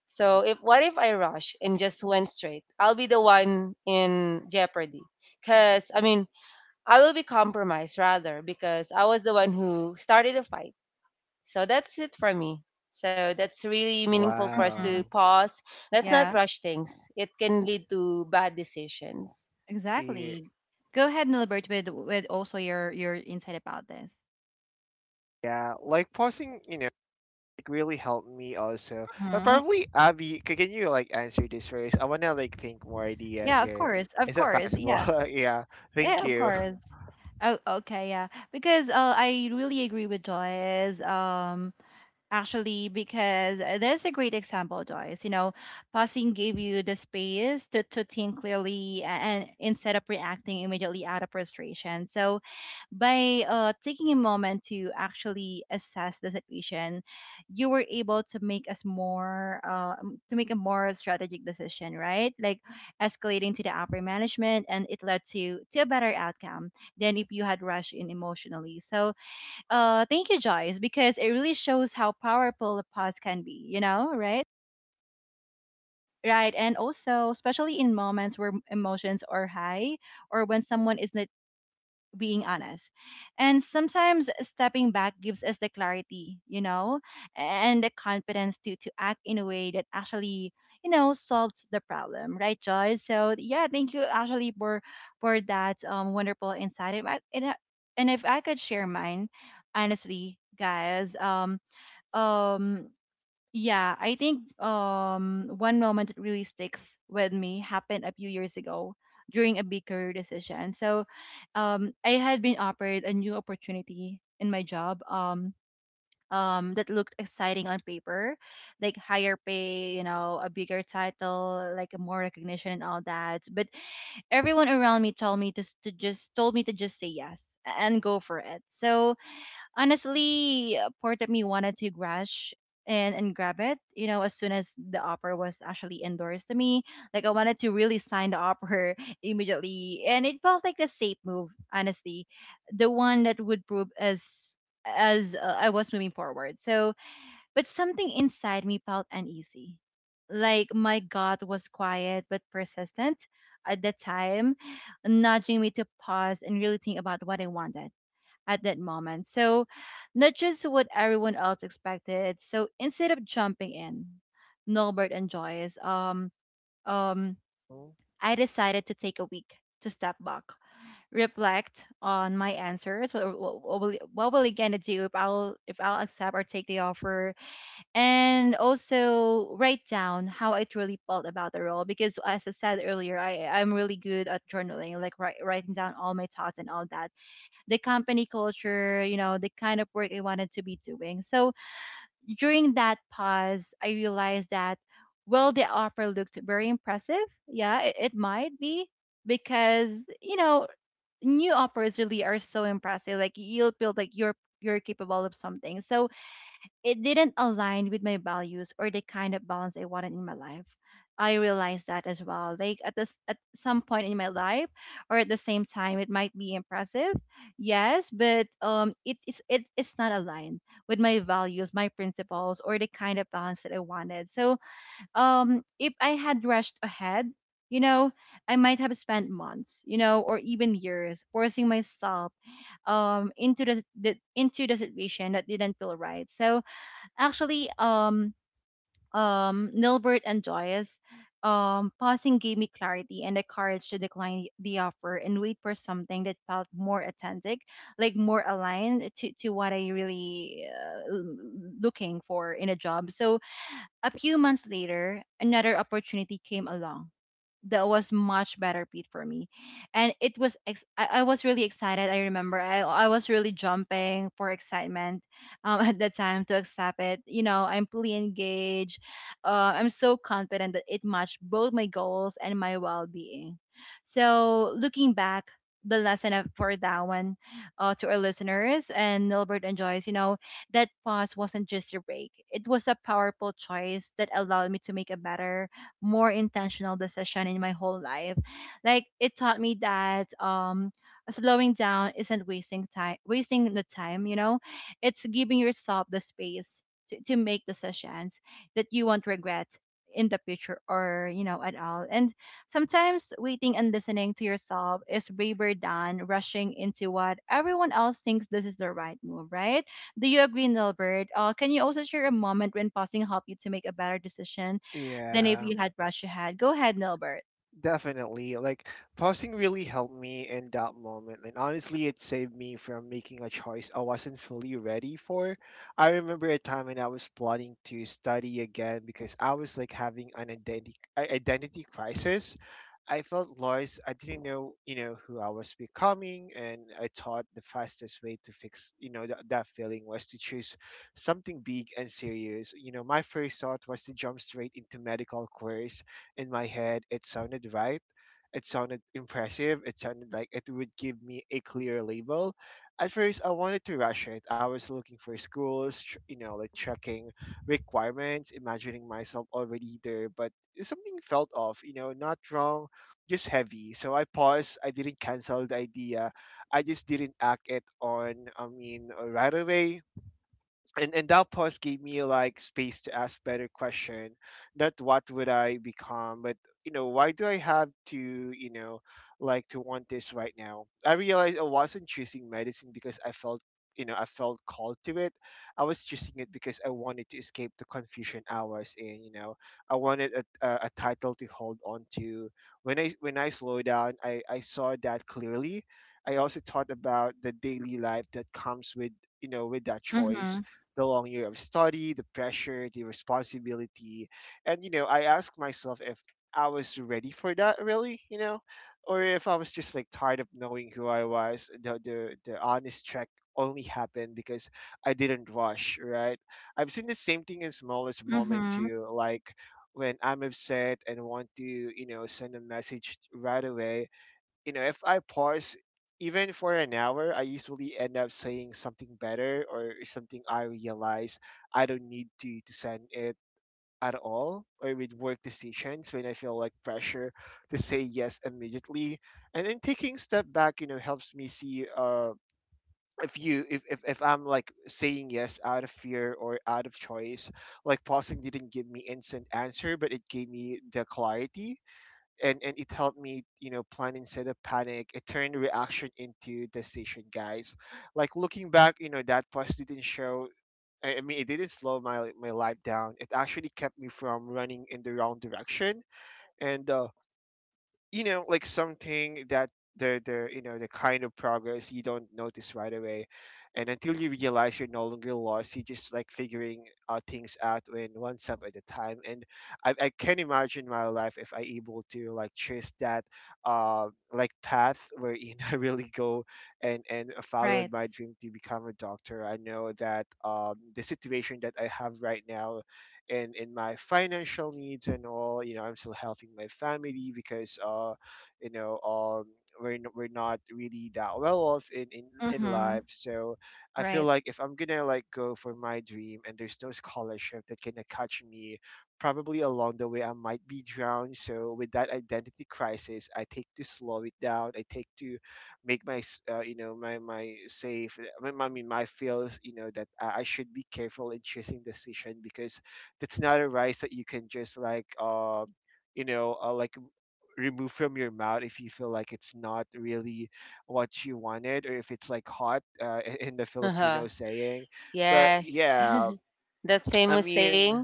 Speaker 2: So if what if I rushed and just went straight? I'll be the one in jeopardy. Cause I mean I will be compromised rather because I was the one who started the fight. So that's it for me. So that's really meaningful for us to
Speaker 1: Mm-hmm,
Speaker 3: Wow.
Speaker 2: pause. Let's not
Speaker 1: yeah,
Speaker 2: rush things. It can lead to bad decisions.
Speaker 3: Yeah,
Speaker 1: exactly. Go ahead, Nilbert, with also your insight about this.
Speaker 3: yeah, like pausing, you know, it really helped me also.
Speaker 1: Mm-hmm.
Speaker 3: Probably Abby, can you like answer this first? I wanna like think more idea
Speaker 1: Yeah, of
Speaker 3: here.
Speaker 1: course, of
Speaker 3: Is that
Speaker 1: course.
Speaker 3: possible?
Speaker 1: Yeah.
Speaker 3: Yeah. Thank
Speaker 1: Yeah, of
Speaker 3: you.
Speaker 1: course. Oh, okay, yeah. Because I really agree with Joyce. Actually because there's a great example, Joyce, you know, passing gave you the space to think clearly, and instead of reacting immediately out of frustration. So by taking a moment to actually assess the situation, you were able to make us more to make a more strategic decision, right? Like escalating to the upper management, and it led to a better outcome than if you had rushed in emotionally. So thank you, Joyce, because it really shows how powerful a pause can be, you know, right? Right. And also, especially in moments where emotions are high or when someone is not being honest. And sometimes stepping back gives us the clarity, you know, and the confidence to act in a way that actually, you know, solves the problem, right, Joyce? So, yeah, thank you actually for that wonderful insight. And if I could share mine, honestly, guys, um yeah, I think one moment that really sticks with me happened a few years ago during a big career decision. So I had been offered a new opportunity in my job, that looked exciting on paper, like higher pay, you know, a bigger title, like more recognition and all that. But everyone around me told me to just say yes and go for it. So honestly, part of me wanted to rush and grab it, you know, as soon as the offer was actually endorsed to me. Like I wanted to really sign the offer immediately, and it felt like the safe move, honestly, the one that would prove as I was moving forward. So, but something inside me felt uneasy. Like my gut was quiet but persistent at the time, nudging me to pause and really think about what I wanted at that moment. So, not just what everyone else expected. So, instead of jumping in, Norbert and Joyce, um,
Speaker 3: Mm.
Speaker 1: I decided to take a week to step back, reflect on my answers. What will I gonna do if I'll accept or take the offer, and also write down how I truly felt about the role. Because as I said earlier, I'm really good at journaling, like writing down all my thoughts and all that, the company culture, you know, the kind of work I wanted to be doing. So during that pause, I realized that, well, the offer looked very impressive. Yeah, it might be because, you know, new offers really are so impressive. Like you'll feel like you're capable of something. So it didn't align with my values or the kind of balance I wanted in my life. I realized that as well. Like at this, at some point in my life or at the same time it might be impressive. Yes, but it is, not aligned with my values, my principles, or the kind of balance that I wanted. So if I had rushed ahead, you know, I might have spent months, you know, or even years forcing myself into the into the situation that didn't feel right. So actually, Nilbert and Joyce, pausing gave me clarity and the courage to decline the offer and wait for something that felt more authentic, like more aligned to what I really looking for in a job. So, a few months later, another opportunity came along that was much better paid for me. And it was I was really excited. I remember I was really jumping for excitement at that time to accept it. You know, I'm fully engaged. I'm so confident that it matched both my goals and my well-being. So looking back, the lesson for that one, to our listeners and Nilbert and Joyce, you know, that pause wasn't just a break, it was a powerful choice that allowed me to make a better, more intentional decision in my whole life. Like, it taught me that slowing down isn't wasting time, you know, it's giving yourself the space. To make decisions that you won't regret in the future, or you know, at all. And sometimes waiting and listening to yourself is braver than rushing into what everyone else thinks this is the right move, right? Do you agree, Nilbert? Can you also share a moment when pausing helped you to make a better decision than if
Speaker 3: Yeah.
Speaker 1: you had rushed ahead? Go ahead, Nilbert.
Speaker 3: Definitely. Like, pausing really helped me in that moment. And honestly, it saved me from making a choice I wasn't fully ready for. I remember a time when I was plotting to study again, because I was like having an identity crisis. I felt lost. I didn't know, who I was becoming, and I thought the fastest way to fix, that feeling was to choose something big and serious. You know, my first thought was to jump straight into medical course in my head. It sounded right. It sounded impressive. It sounded like it would give me a clear label. At first, I wanted to rush it. I was looking for schools, you know, like checking requirements, imagining myself already there, but something felt off, you know, not wrong, just heavy. So I paused. I didn't cancel the idea. I just didn't act it on, I mean, right away. And that pause gave me like space to ask better question, not what would I become, but why do I have to, like to want this right now. I realized I wasn't choosing medicine because I felt, I felt called to it. I was choosing it because I wanted to escape the confusion I was in, you know. I wanted a title to hold on to. When I slow down, I saw that clearly. I also thought about the daily life that comes with, with that
Speaker 1: Mm-hmm.
Speaker 3: choice, the long year of study, the pressure, the responsibility. And, you know, I asked myself if I was ready for that really, you know, or if I was just like tired of knowing who I was. The honest check only happened because I didn't rush, right? I've seen the same thing in smallest moment
Speaker 1: Mm-hmm.
Speaker 3: too, like when I'm upset and want to, you know, send a message right away. You know, if I pause even for an hour, I usually end up saying something better, or something I realize I don't need to, send it at all. Or with work decisions when I feel like pressure to say yes immediately. And then taking step back, you know, helps me see if you if I'm like saying yes out of fear or out of choice. Like pausing didn't give me instant answer, but it gave me the clarity. And it helped me, you know, plan instead of panic. It turned reaction into decision, guys. Like looking back, you know, that pause didn't show, I mean it didn't slow my life down. It actually kept me from running in the wrong direction. And you know, like something that, the kind of progress you don't notice right away. And until you realize you're no longer lost, you just like figuring out things out when one step at a time. And I can imagine my life if I able to like trace that like path wherein I really go and followed
Speaker 1: Right.
Speaker 3: my dream to become a doctor. I know that the situation that I have right now in my financial needs and all, you know, I'm still helping my family because you know, we're not really that well off in
Speaker 1: Mm-hmm.
Speaker 3: life. So I feel
Speaker 1: Right.
Speaker 3: like if I'm gonna like go for my dream and there's no scholarship that can catch me, probably along the way I might be drowned. So with that identity crisis, I take to slow it down. I take to make my you know, my safe I mean my, my my feels, you know, that I should be careful in choosing decision. Because that's not a rice that you can just like like remove from your mouth if you feel like it's not really what you wanted, or if it's like hot in the Filipino saying. But
Speaker 2: Yes.
Speaker 3: yeah,
Speaker 2: That
Speaker 3: i
Speaker 2: famous saying?
Speaker 3: mean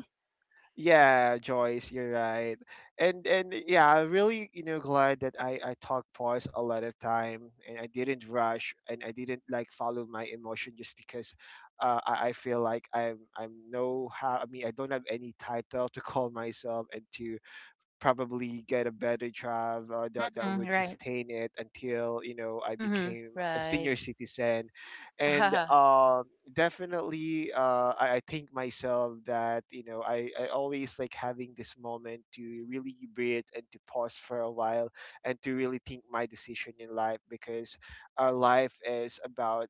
Speaker 3: yeah, Joyce, you're right. And yeah, I'm really, you know, glad that I talked pause a lot of time, and I didn't rush and I didn't like follow my emotion just because I feel like I'm no how I mean I don't have any title to call myself and to probably get a better job that
Speaker 1: Mm-hmm.
Speaker 3: would
Speaker 1: Right.
Speaker 3: sustain it until, you know, I
Speaker 2: Mm-hmm.
Speaker 3: became a
Speaker 2: Right.
Speaker 3: senior citizen. And Definitely I think myself that, you know, I always like having this moment to really breathe and to pause for a while, and to really think my decision in life. Because life is about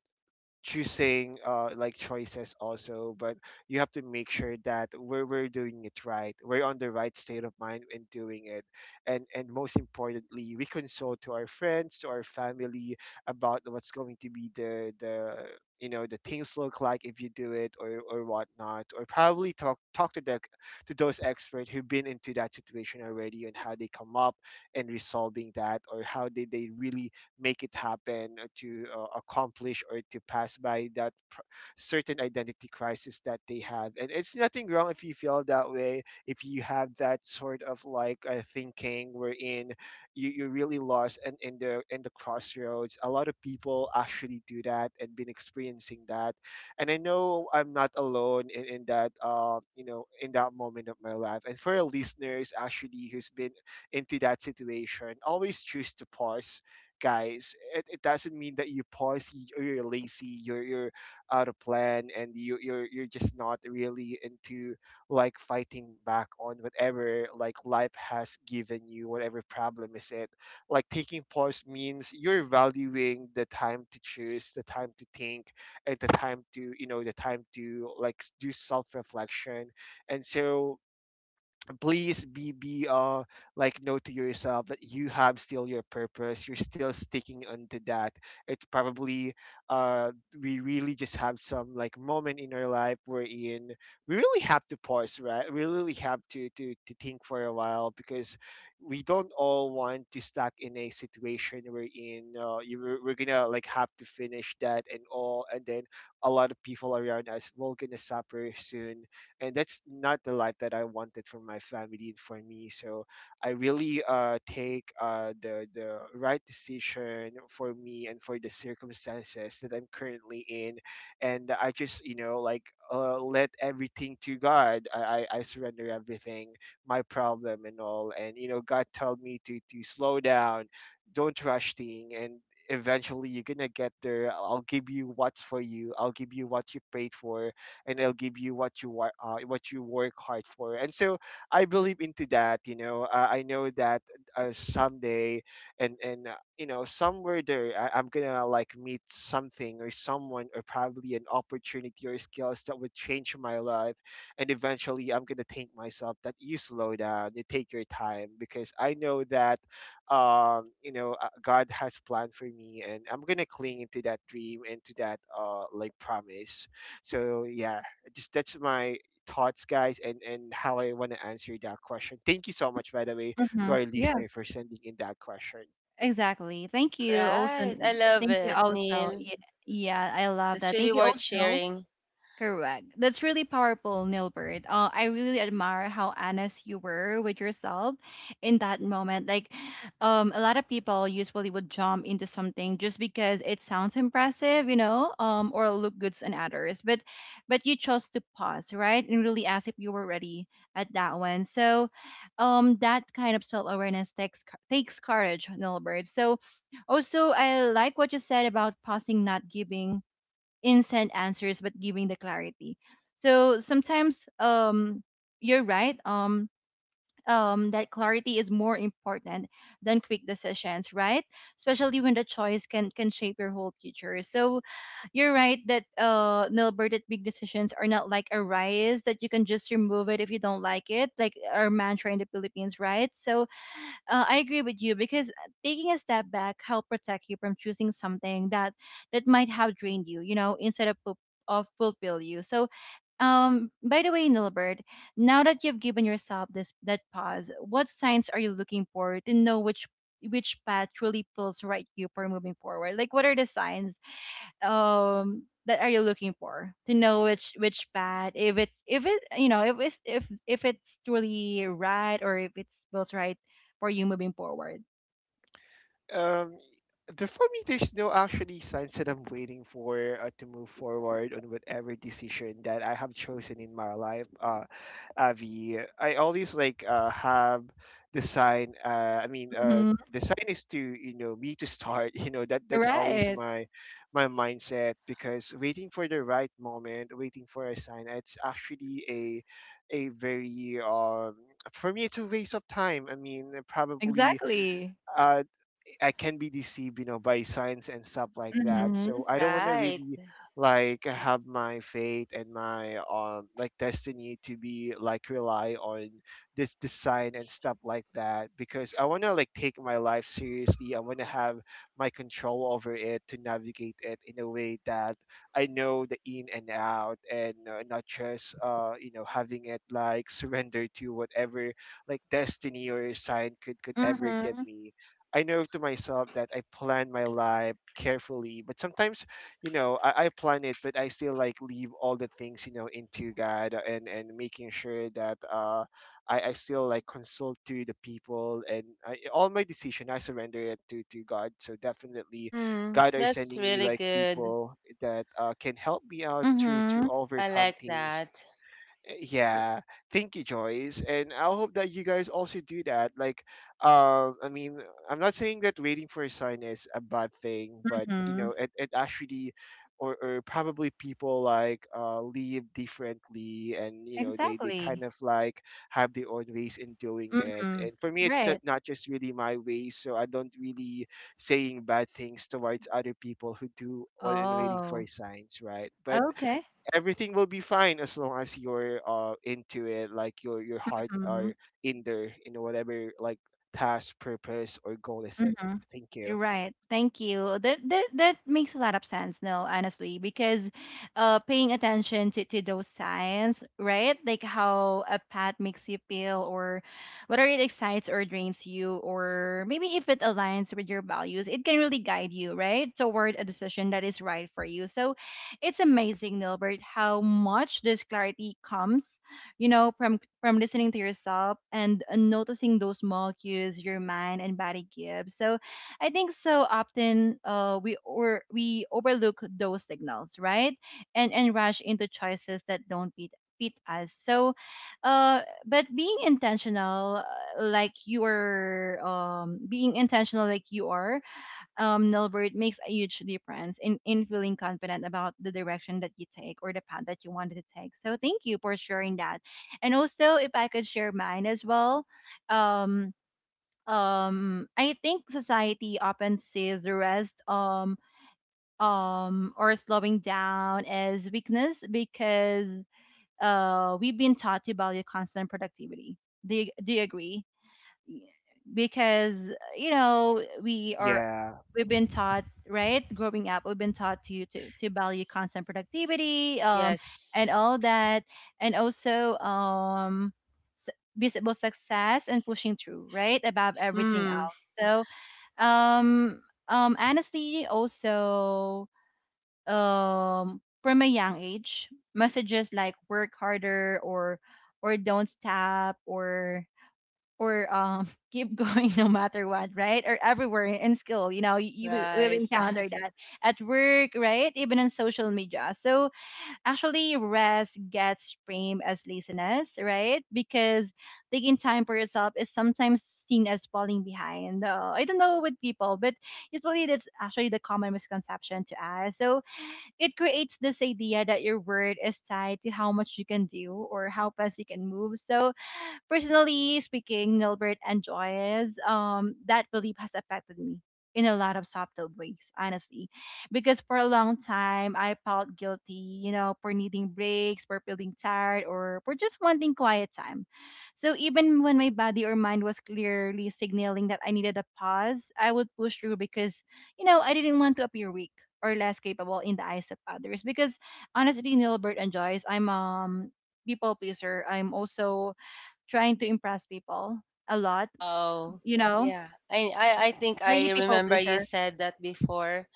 Speaker 3: choosing, like choices also. But you have to make sure that we're doing it right, we're on the right state of mind in doing it. And most importantly, we consult to our friends, to our family about what's going to be the the things look like if you do it or whatnot. Or probably talk to the, to those experts who've been into that situation already and how they come up and resolving that, or how did they really make it happen, to accomplish or to pass by that certain identity crisis that they have. And it's nothing wrong if you feel that way, if you have that sort of like thinking wherein you really lost and in the crossroads. A lot of people actually do that and been experiencing that. And I know I'm not alone in that you know, in that moment of my life. And for our listeners actually who's been into that situation, always choose to pause, guys. It doesn't mean that you poisy, or you're lazy, you're out of plan, and you're just not really into like fighting back on whatever like life has given you, whatever problem is it. Like taking pause means you're valuing the time to choose, the time to think, and the time to, like do self reflection. And so please be like know to yourself that you have still your purpose. You're still sticking onto that. It's probably, uh we really just have some like moment in our life wherein we really have to pause, right? We really have to to think for a while. Because we don't all want to stuck in a situation wherein we're gonna like have to finish that and all, and then a lot of people around us will gonna suffer soon. And that's not the life that I wanted for my family and for me. So I really take the right decision for me and for the circumstances that I'm currently in. And I just, you know, like let everything to God. I surrender everything, my problem and all. And, you know, God told me to slow down, don't rush thing. And eventually you're gonna get there. I'll give you what's for you. I'll give you what you prayed for, and I will give you what you what you work hard for. And so I believe into that. You know, I know that someday and you know, somewhere there, I'm gonna like meet something or someone, or probably an opportunity or skills that would change my life. And eventually I'm gonna think myself that you slow down, you take your time. Because I know that, God has planned for me. And I'm gonna cling into that dream and to that like promise. So yeah, just that's my thoughts, guys. And how I want to answer that question. Thank you so much, by the way, to
Speaker 1: Mm-hmm.
Speaker 3: our listener for sending in that question.
Speaker 1: Exactly. Thank you also.
Speaker 2: Right. I love
Speaker 1: Thank you
Speaker 2: it,
Speaker 1: also.
Speaker 2: Neil.
Speaker 1: Yeah, yeah, I love
Speaker 2: That's
Speaker 1: that.
Speaker 2: really
Speaker 1: Thank you
Speaker 2: worth
Speaker 1: also.
Speaker 2: sharing.
Speaker 1: Correct. That's really powerful, Nilbert. I really admire how honest you were with yourself in that moment. Like, a lot of people usually would jump into something just because it sounds impressive, you know, or look good on others. But you chose to pause, right, and really ask if you were ready at that one. So, that kind of self-awareness takes courage, Nilbert. So, also, I like what you said about pausing, not giving instant answers but giving the clarity. So sometimes, you're right, that clarity is more important than quick decisions, right? Especially when the choice can shape your whole future. So you're right that Nilbert, that big decisions are not like a rice that you can just remove it if you don't like it, like our mantra in the Philippines, right? So I agree with you, because taking a step back help protect you from choosing something that might have drained you, you know, instead of of fulfill you. So, by the way, Nilbert, now that you've given yourself this that pause, what signs are you looking for to know which path truly feels right to you for moving forward? Like, what are the signs that are you looking for to know which path, if it you know, if it's truly right or if it's feels right for you moving forward.
Speaker 3: um the for me, there's no actually signs that I'm waiting for, to move forward on whatever decision that I have chosen in my life. Avi, I always like have the sign,
Speaker 1: Mm-hmm.
Speaker 3: the sign is to, you know, me to start you know, that that's always
Speaker 1: Right.
Speaker 3: my my mindset. Because waiting for the right moment, waiting for a sign, it's actually a very for me it's a waste of time. I mean, probably
Speaker 1: Exactly.
Speaker 3: uh, I can be deceived, you know, by signs and stuff like that.
Speaker 1: Mm-hmm.
Speaker 3: So I don't want to
Speaker 2: Right.
Speaker 3: really like have my fate and my like destiny to be like rely on this design and stuff like that. Because I want to like take my life seriously. I want to have my control over it, to navigate it in a way that I know the in and out. And not just you know, having it like surrender to whatever like destiny or sign could ever give
Speaker 1: Mm-hmm.
Speaker 3: me. I know to myself that I plan my life carefully. But sometimes, you know, I plan it, but I still like leave all the things, you know, into God. And making sure that uh, I still like consult to the people. And all my decision I surrender it to God. So definitely,
Speaker 2: Mm,
Speaker 3: God are
Speaker 2: that's
Speaker 3: sending me
Speaker 2: really
Speaker 3: like
Speaker 2: good.
Speaker 3: people that can help me out to
Speaker 1: Mm-hmm.
Speaker 2: I
Speaker 3: overcome
Speaker 2: like
Speaker 3: things.
Speaker 2: that.
Speaker 3: Yeah, thank you, Joyce. And I hope that you guys also do that, like I mean, I'm not saying that waiting for a sign is a bad thing. But, you
Speaker 1: Mm-hmm.
Speaker 3: know, it actually, or probably people like live differently. And, you know, they kind
Speaker 1: Exactly.
Speaker 3: of like have their own ways in doing it.
Speaker 1: Mm-hmm.
Speaker 3: And for me, it's
Speaker 1: Right.
Speaker 3: not just really my way. So I don't really saying bad things towards other people who do or in waiting
Speaker 1: Oh,
Speaker 3: for signs, right? But
Speaker 1: okay.
Speaker 3: everything will be fine as long as you're into it, like your heart
Speaker 1: Mm-hmm.
Speaker 3: are in there, in whatever like task, purpose, or goal is it.
Speaker 1: Mm-hmm.
Speaker 3: Thank
Speaker 1: You're
Speaker 3: you.
Speaker 1: right. Thank you. That makes a lot of sense, Neil, honestly, because paying attention to those signs, right? Like how a pet makes you feel, or whether it excites or drains you, or maybe if it aligns with your values, it can really guide you, right? Toward a decision that is right for you. So it's amazing, Nilbert, how much this clarity comes, you know, from listening to yourself and, noticing those small cues your mind and body give. So I think so often we, or we overlook those signals, right? And rush into choices that don't fit, fit us. So but being intentional, like you are being intentional like you are, Nilbert, makes a huge difference in feeling confident about the direction that you take or the path that you wanted to take. So thank you for sharing that. And also, if I could share mine as well, um, I think society often sees the rest, or slowing down, as weakness because we've been taught to value constant productivity. Do do you agree? Because, you know, we are,
Speaker 3: Yeah,
Speaker 1: we've been taught, right? Growing up we've been taught to value constant productivity, and all
Speaker 2: Yes.
Speaker 1: that. And also, s- visible success and pushing through, right, above everything
Speaker 2: Mm,
Speaker 1: else. So um honestly also, from a young age, messages like work harder, or don't stop, or keep going no matter what, right? Or everywhere in school, you know, you will
Speaker 2: right.
Speaker 1: encounter that at work, right? Even on social media. So actually, rest gets framed as laziness, right? Because taking time for yourself is sometimes seen as falling behind. I don't know with people, but usually that's actually the common misconception to us. So it creates this idea that your word is tied to how much you can do or how fast you can move. So personally speaking, Nilbert and Joyce, that belief has affected me in a lot of subtle ways, honestly. Because for a long time, I felt guilty, you know, for needing breaks, for feeling tired, or for just wanting quiet time. So even when my body or mind was clearly signaling that I needed a pause, I would push through because, you know, I didn't want to appear weak or less capable in the eyes of others. Because honestly, Nilbert and Joyce, I'm people pleaser. I'm also trying to impress people a lot,
Speaker 2: Oh,
Speaker 1: you know?
Speaker 2: yeah. I think
Speaker 1: Are you
Speaker 2: I
Speaker 1: people
Speaker 2: remember you
Speaker 1: pleaser?
Speaker 2: said that before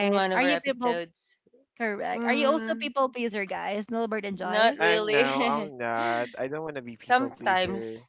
Speaker 2: in one of
Speaker 1: Are
Speaker 2: our
Speaker 1: you people
Speaker 2: episodes.
Speaker 1: correct? Are you also
Speaker 2: Mm,
Speaker 1: people pleaser, guys? Nilbert and
Speaker 2: not
Speaker 1: Joyce?
Speaker 2: really.
Speaker 3: I'm not, I don't want to be people
Speaker 2: Sometimes.
Speaker 3: pleaser.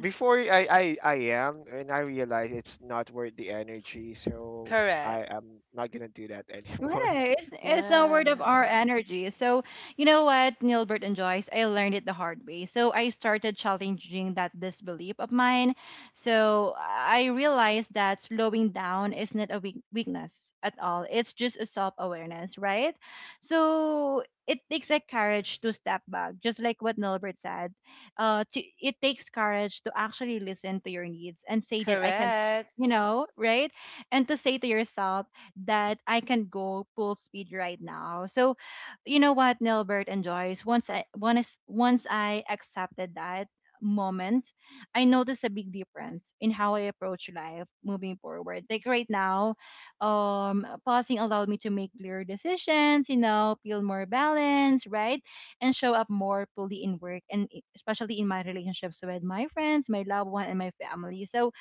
Speaker 3: Before, I am, and I realize it's not worth the energy, so I
Speaker 2: Correct.
Speaker 3: am not gonna do that anymore.
Speaker 1: Right. It's a
Speaker 2: Yeah.
Speaker 1: word of our energy. So, you know what, Nilbert and Joyce, I learned it the hard way. So, I started challenging that disbelief of mine. So, I realized that slowing down is not a weakness at all. It's just a self awareness, right? So, it takes a courage to step back, just like what Nilbert said. It takes courage to actually listen to your needs and say that I can, you
Speaker 2: Correct.
Speaker 1: know, right? And to say to yourself, that I can go full speed right now. So, you know what, Nilbert and Joyce, once I accepted that moment, I noticed a big difference in how I approach life moving forward. Like right now, pausing allowed me to make clearer decisions, you know, feel more balanced, right? And show up more fully in work and especially in my relationships with my friends, my loved one, and my family. So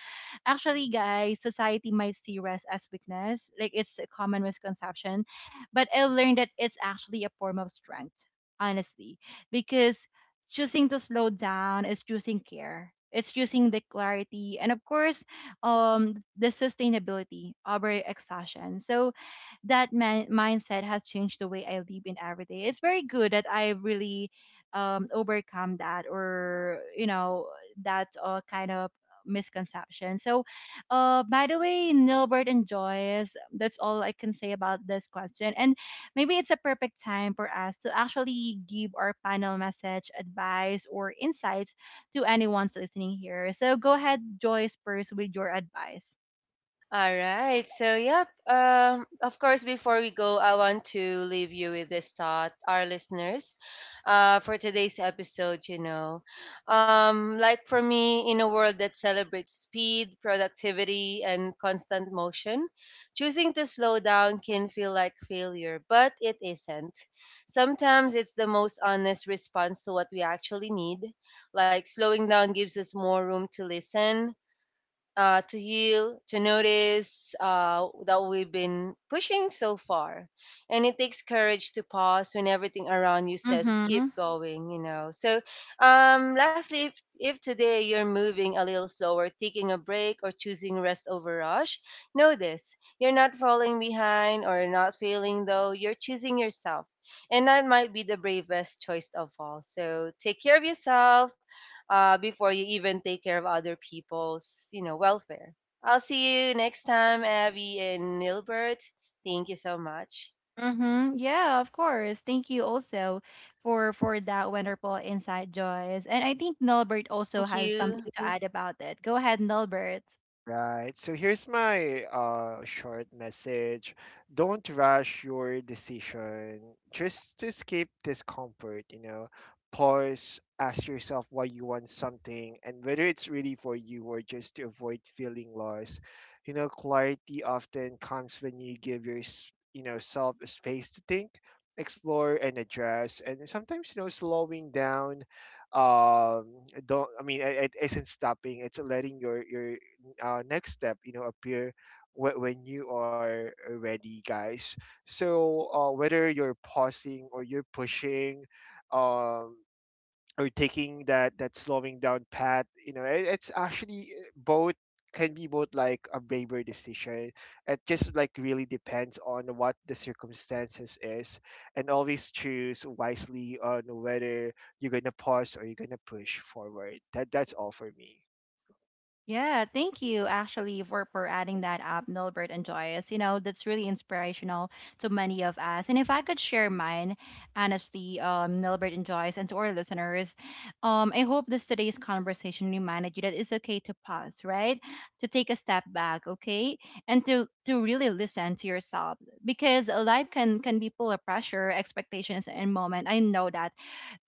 Speaker 1: actually, guys, society might see rest as weakness, like it's a common misconception, but I learned that it's actually a form of strength, honestly, because choosing to slow down is choosing care. It's choosing the clarity and, of course, the sustainability over exhaustion. So, that mindset has changed the way I live in every day. It's very good that I really overcome that, or you know, that kind of misconception. So, by the way, Nilbert and Joyce, that's all I can say about this question. And maybe it's a perfect time for us to actually give our panel message, advice, or insights to anyone's listening here. So go ahead, Joyce, first with your advice.
Speaker 2: All right. So, yep. Of course, before we go, I want to leave you with this thought, our listeners, for today's episode. You know, like for me, in a world that celebrates speed, productivity, and constant motion, choosing to slow down can feel like failure, but it isn't. Sometimes it's the most honest response to what we actually need. Like slowing down gives us more room to listen to heal, to notice that we've been pushing so far. And it takes courage to pause when everything around you says keep
Speaker 1: Mm-hmm.
Speaker 2: going, you know. So, lastly, if today you're moving a little slower, taking a break, or choosing rest over rush, know this you're not falling behind or not failing, though, you're choosing yourself. And that might be the bravest choice of all. So, take care of yourself before you even take care of other people's, you know, welfare. I'll see you next time, Abby and Nilbert. Thank you so much.
Speaker 1: Mm-hmm. Yeah, of course. Thank you also for that wonderful insight, Joyce. And I think Nelbert also
Speaker 2: Thank
Speaker 1: has something
Speaker 2: you.
Speaker 1: to add about it. Go ahead, Nelbert.
Speaker 3: Right. So here's my short message. Don't rush your decision just to keep discomfort, you know. Pause, ask yourself why you want something, and whether it's really for you or just to avoid feeling lost. You know, clarity often comes when you give your, self a space to think, explore and address. And sometimes, you know, slowing down, um don't I mean it isn't stopping. It's letting your next step, you know, appear when you are ready, guys. So whether you're pausing or you're pushing, um, or taking that slowing down path, you know, it's actually, both can be both like a braver decision. It just like really depends on what the circumstances is. And always choose wisely on whether you're gonna pause or you're gonna push forward. That's all for me.
Speaker 1: Yeah, thank you actually for adding that up, Milbert and Joyce. You know, that's really inspirational to many of us. And if I could share mine, honestly, Milbert and Joyce, and to our listeners, I hope this today's conversation reminded you that it's okay to pause, right? To take a step back, okay? And to really listen to yourself, because life can be full of pressure, expectations, and moment. I know that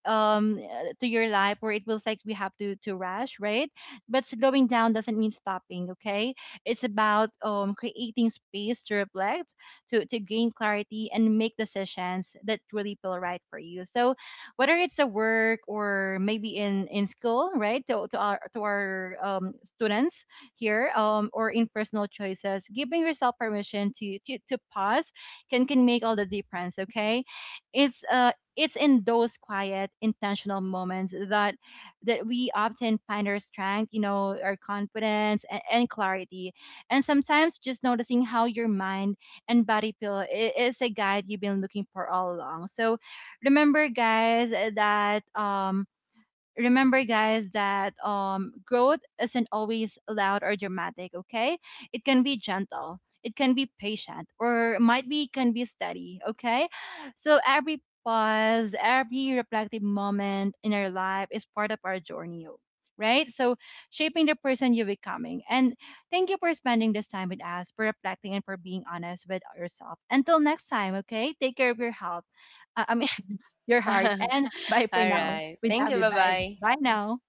Speaker 1: to your life where it feels like we have to rush, right? But slowing down doesn't mean stopping, okay? It's about creating space to reflect, to gain clarity and make decisions that really feel right for you. So whether it's a work or maybe in school, right, to our students here, or in personal choices, giving yourself permission to pause can make all the difference, okay? it's uh it's in those quiet intentional moments that, we often find our strength, you know, our confidence, and clarity. And sometimes just noticing how your mind and body feel is a guide you've been looking for all along. So remember guys that growth isn't always loud or dramatic, okay? It can be gentle, it can be patient, or might be, can be steady, okay? So every pause, every reflective moment in our life is part of our journey, right? So shaping the person you're becoming. And thank you for spending this time with us, for reflecting and for being honest with yourself. Until next time, okay, take care of your health, uh, i mean your heart,
Speaker 2: All
Speaker 1: and bye for now,
Speaker 2: right.
Speaker 1: with
Speaker 2: Thank you.
Speaker 1: Abby
Speaker 2: Bye
Speaker 1: Vibes.
Speaker 2: bye.
Speaker 1: Bye now.